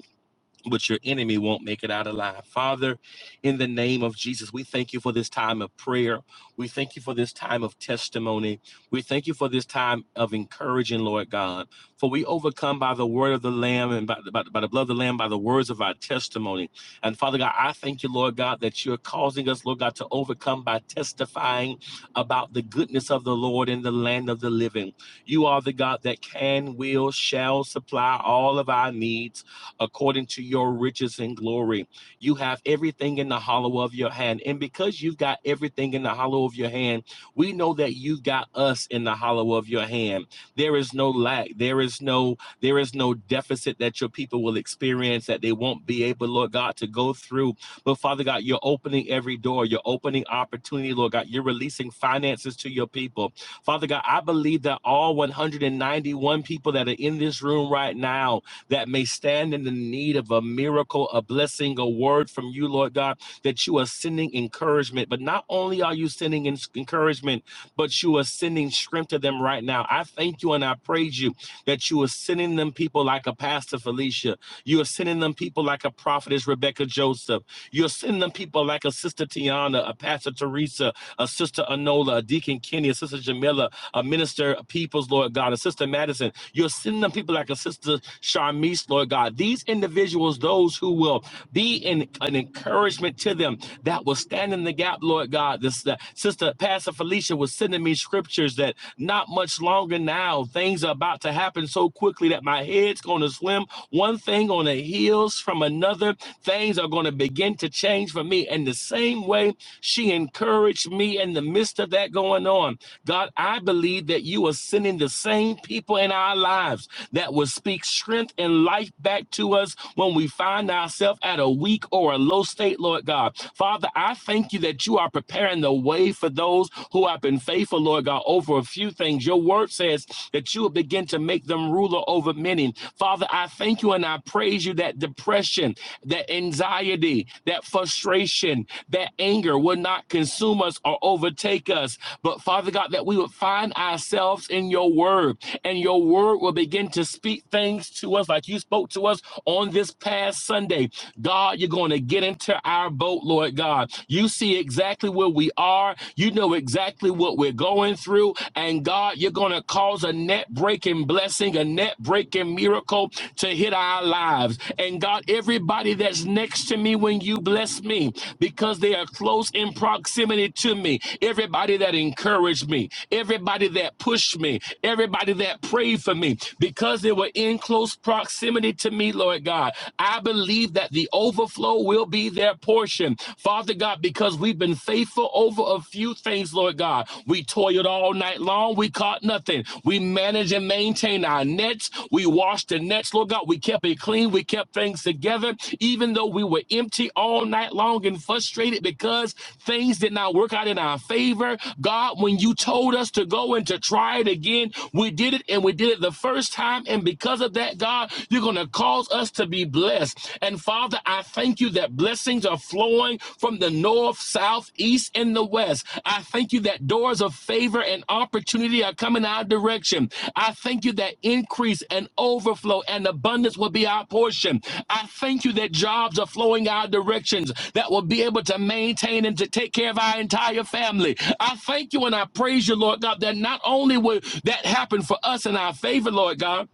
but your enemy won't make it out alive. Father, in the name of Jesus, we thank you for this time of prayer. We thank you for this time of testimony. We thank you for this time of encouraging, Lord God. For we overcome by the word of the Lamb and by, by, by the blood of the Lamb, by the words of our testimony. And Father God, I thank you, Lord God, that you're causing us, Lord God, to overcome by testifying about the goodness of the Lord in the land of the living. You are the God that can, will, shall supply all of our needs according to your riches and glory. You have everything in the hollow of your hand. And because you've got everything in the hollow of your hand, we know that you've got us in the hollow of your hand. There is no lack. There is no there is no deficit that your people will experience that they won't be able, Lord God, to go through. But Father God, you're opening every door. You're opening opportunity, Lord God. You're releasing finances to your people. Father God, I believe that all 191 people that are in this room right now that may stand in the need of a miracle, a blessing, a word from you, Lord God, that you are sending encouragement. But not only are you sending encouragement, but you are sending strength to them right now. I thank you and I praise you that you are sending them people like a Pastor Felicia. You are sending them people like a prophetess Rebecca Joseph. You're sending them people like a Sister Tiana, a Pastor Teresa, a Sister Anola, a Deacon Kenny, a Sister Jamila, a Minister Peoples, Lord God, a Sister Madison. You're sending them people like a sister Sharmise, Lord God. These individuals, those who will be in an encouragement to them that will stand in the gap, Lord God. This uh, sister Pastor Felicia was sending me scriptures that not much longer now. Things are about to happen so quickly that my head's going to swim. One thing on the heels from another. Things are going to begin to change for me. And the same way she encouraged me in the midst of that going on. God, I believe that you are sending the same people in our lives that will speak strength and life back to us when we find ourselves at a weak or a low state, Lord God. Father, I thank you that you are preparing the way for those who have been faithful, Lord God, over a few things. Your word says that you will begin to make them ruler over many. Father, I thank you and I praise you that depression, that anxiety, that frustration, that anger will not consume us or overtake us. But Father God, that we would find ourselves in your word and your word will begin to speak things to us like you spoke to us on this past Sunday. God, you're going to get into our boat, Lord God. You see exactly where we are, you know exactly what we're going through. And God, you're going to cause a net breaking blessing, a net breaking working miracle to hit our lives. And God, everybody that's next to me when you bless me, because they are close in proximity to me, everybody that encouraged me, everybody that pushed me, everybody that prayed for me, because they were in close proximity to me, Lord God, I believe that the overflow will be their portion. Father God, because we've been faithful over a few things, Lord God, we toiled all night long. We caught nothing. We managed and maintained our nets. We washed the nets, Lord God. We kept it clean. We kept things together, even though we were empty all night long and frustrated because things did not work out in our favor. God, when you told us to go and to try it again, we did it and we did it the first time. And because of that, God, you're going to cause us to be blessed. And Father, I thank you that that blessings are flowing from the north, south, east, and the west. I thank you that doors of favor and opportunity are coming our direction. I thank you that increase and overflow and abundance will be our portion. I thank you that jobs are flowing our directions that will be able to maintain and to take care of our entire family. I thank you and I praise you, Lord God, that not only will that happen for us in our favor, Lord God,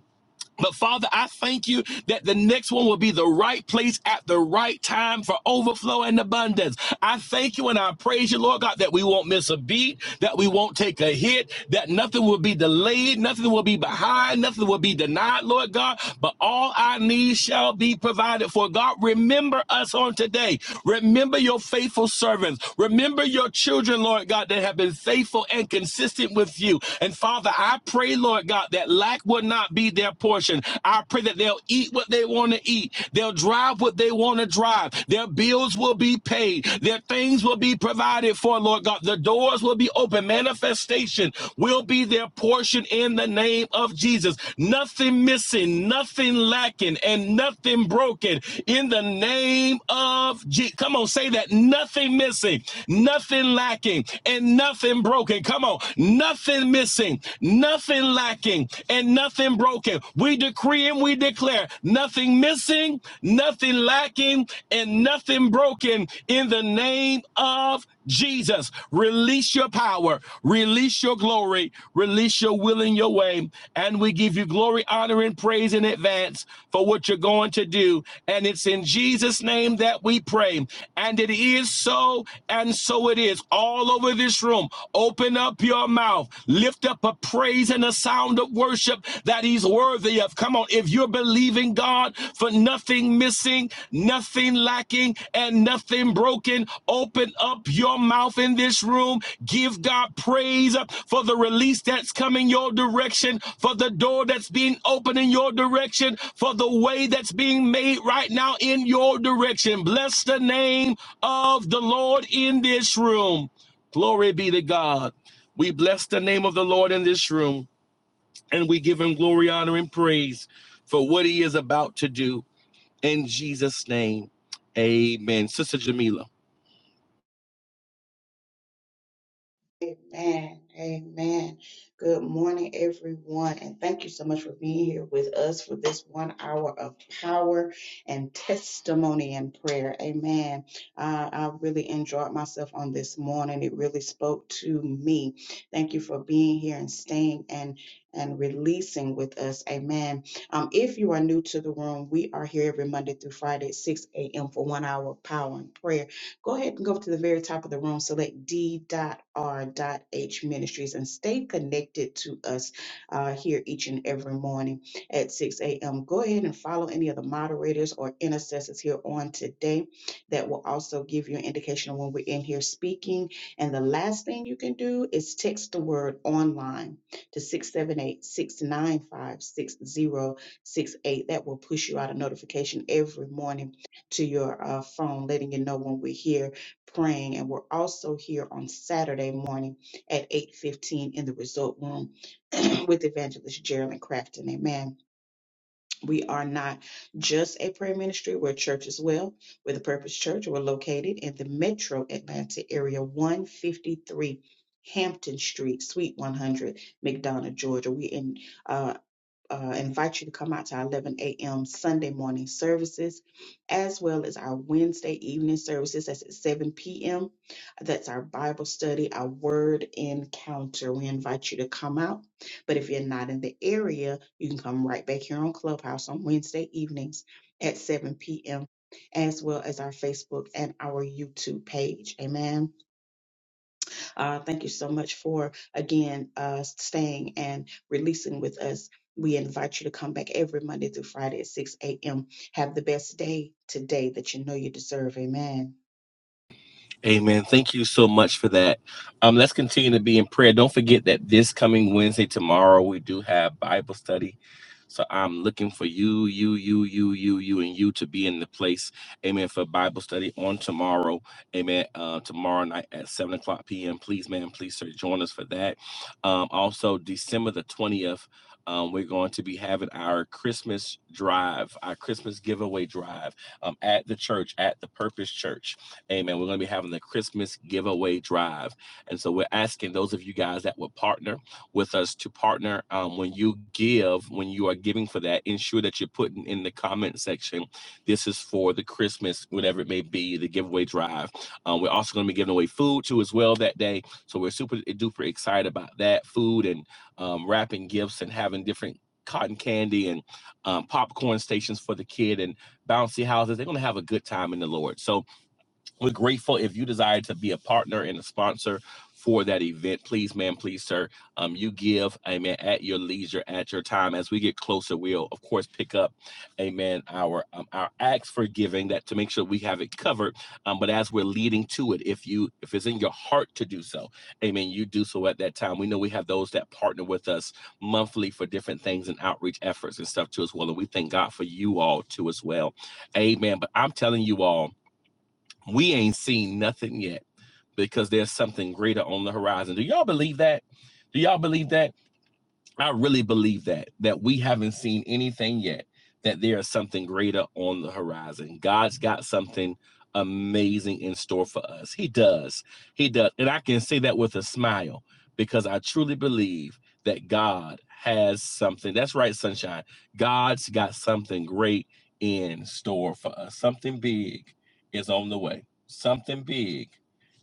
but Father, I thank you that the next one will be the right place at the right time for overflow and abundance. I thank you and I praise you, Lord God, that we won't miss a beat, that we won't take a hit, that nothing will be delayed, nothing will be behind, nothing will be denied, Lord God, but all our needs shall be provided for. God, remember us on today. Remember your faithful servants. Remember your children, Lord God, that have been faithful and consistent with you. And Father, I pray, Lord God, that that lack will not be their portion. I pray that they'll eat what they want to eat. They'll drive what they want to drive. Their bills will be paid. Their things will be provided for, Lord God. The doors will be open. Manifestation will be their portion in the name of Jesus. Nothing missing, nothing lacking, and nothing broken in the name of Jesus. Come on, say that. Nothing missing, nothing lacking, and nothing broken. Come on. Nothing missing missing, nothing lacking, and nothing broken. We decree and we declare nothing missing, nothing lacking, and nothing broken in the name of Jesus. Release your power, release your glory, release your will in your way. And we give you glory, honor, and praise in advance for what you're going to do. And it's in Jesus' name that we pray. And it is so, and so it is all over this room. Open Open up your mouth. Lift up a praise and a sound of worship that he's worthy of. Come on. If you're believing God for nothing missing, nothing lacking, and nothing broken, open up your mouth in this room. Give God praise for the release that's coming your direction, for the door that's being opened in your direction, for the way that's being made right now in your direction. Bless the name of the Lord in this room. Glory be to God. We bless the name of the Lord in this room and we give him glory, honor, and praise for what he is about to do in Jesus' name. Amen. Sister Jamila.
Amen. Amen. Good morning, everyone. And thank you so much for being here with us for this one hour of power and testimony and prayer. Amen. Uh, I really enjoyed myself on this morning. It really spoke to me. Thank you for being here and staying and and releasing with us. Amen. Um, if you are new to the room, we are here every Monday through Friday at 6 a.m. for one hour of power and prayer. Go ahead and go to the very top of the room, select D.R.H Ministries, and stay connected to us uh, here each and every morning at 6 a.m. Go ahead and follow any of the moderators or intercessors here on today. That will also give you an indication of when we're in here speaking. And the last thing you can do is text the word online to six seven eight six nine five six zero six eight. That will push you out a notification every morning to your uh, phone, letting you know when we're here praying. And we're also here on Saturday morning at 8.15 in the result room with evangelist Geraldine Crafton. Amen. We are not just a prayer ministry. We're a church as well. We're the Purpose Church. We're located in the metro Atlanta area, 153 Hampton Street, Suite 100, McDonough, Georgia. We're in uh, uh, invite you to come out to our 11 a.m. Sunday morning services, as well as our Wednesday evening services. That's at 7 p.m. That's our Bible study, our word encounter. We invite you to come out. But if you're not in the area, you can come right back here on Clubhouse on Wednesday evenings at 7 p.m., as well as our Facebook and our YouTube page. Amen. Uh, thank you so much for, again, uh, staying and releasing with us. We invite you to come back every Monday through Friday at 6 a.m. Have the best day today that you know you deserve. Amen.
Amen. Thank you so much for that. Um, let's continue to be in prayer. Don't forget that this coming Wednesday, tomorrow, we do have Bible study. So I'm looking for you, you, you, you, you, you, and you to be in the place, amen, for Bible study on tomorrow, amen, uh, tomorrow night at 7 o'clock p.m. Please, man, please, sir, join us for that. Um, also, December the 20th, um, we're going to be having our Christmas drive, our Christmas giveaway drive um, at the church, at the Purpose Church. Amen. We're going to be having the Christmas giveaway drive. And so we're asking those of you guys that would partner with us to partner um, when you give, when you are giving for that, ensure that you're putting in the comment section, this is for the Christmas, whatever it may be, the giveaway drive. Um, we're also going to be giving away food too as well that day. So we're super duper excited about that food and um, wrapping gifts and having different cotton candy and um, popcorn stations for the kid and bouncy houses. They're going to have a good time in the Lord. So we're grateful if you desire to be a partner and a sponsor for that event. Please, ma'am, please, sir. Um, you give, amen, at your leisure, at your time. As we get closer, we'll of course pick up, amen, our um, our acts for giving that to make sure we have it covered. Um, but as we're leading to it, if you if it's in your heart to do so, amen, you do so at that time. We know we have those that partner with us monthly for different things and outreach efforts and stuff too as well. And we thank God for you all too as well. Amen. But I'm telling you all. We ain't seen nothing yet because there's something greater on the horizon. Do y'all believe that? Do y'all believe that? I really believe that that we haven't seen anything yet that there is something greater on the horizon. God's got something amazing in store for us. He does. He does. And I can say that with a smile because I truly believe that God has something. That's right, sunshine. God's got something great in store for us. Something big is on the way. Something big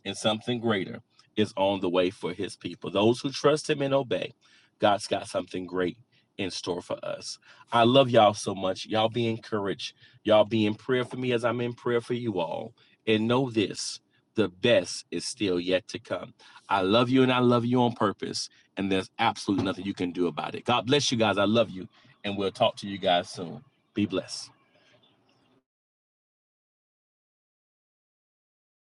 and something greater is on the way for his people. Those who trust him and obey God's got something great in store for us. I love y'all so much. Y'all be encouraged. Y'all be in prayer for me as I'm in prayer for you all. And know this the best is still yet to come. I love you and I love you on purpose. And there's absolutely nothing you can do about it. God bless you guys. I love you. And we'll talk to you guys soon. Be blessed.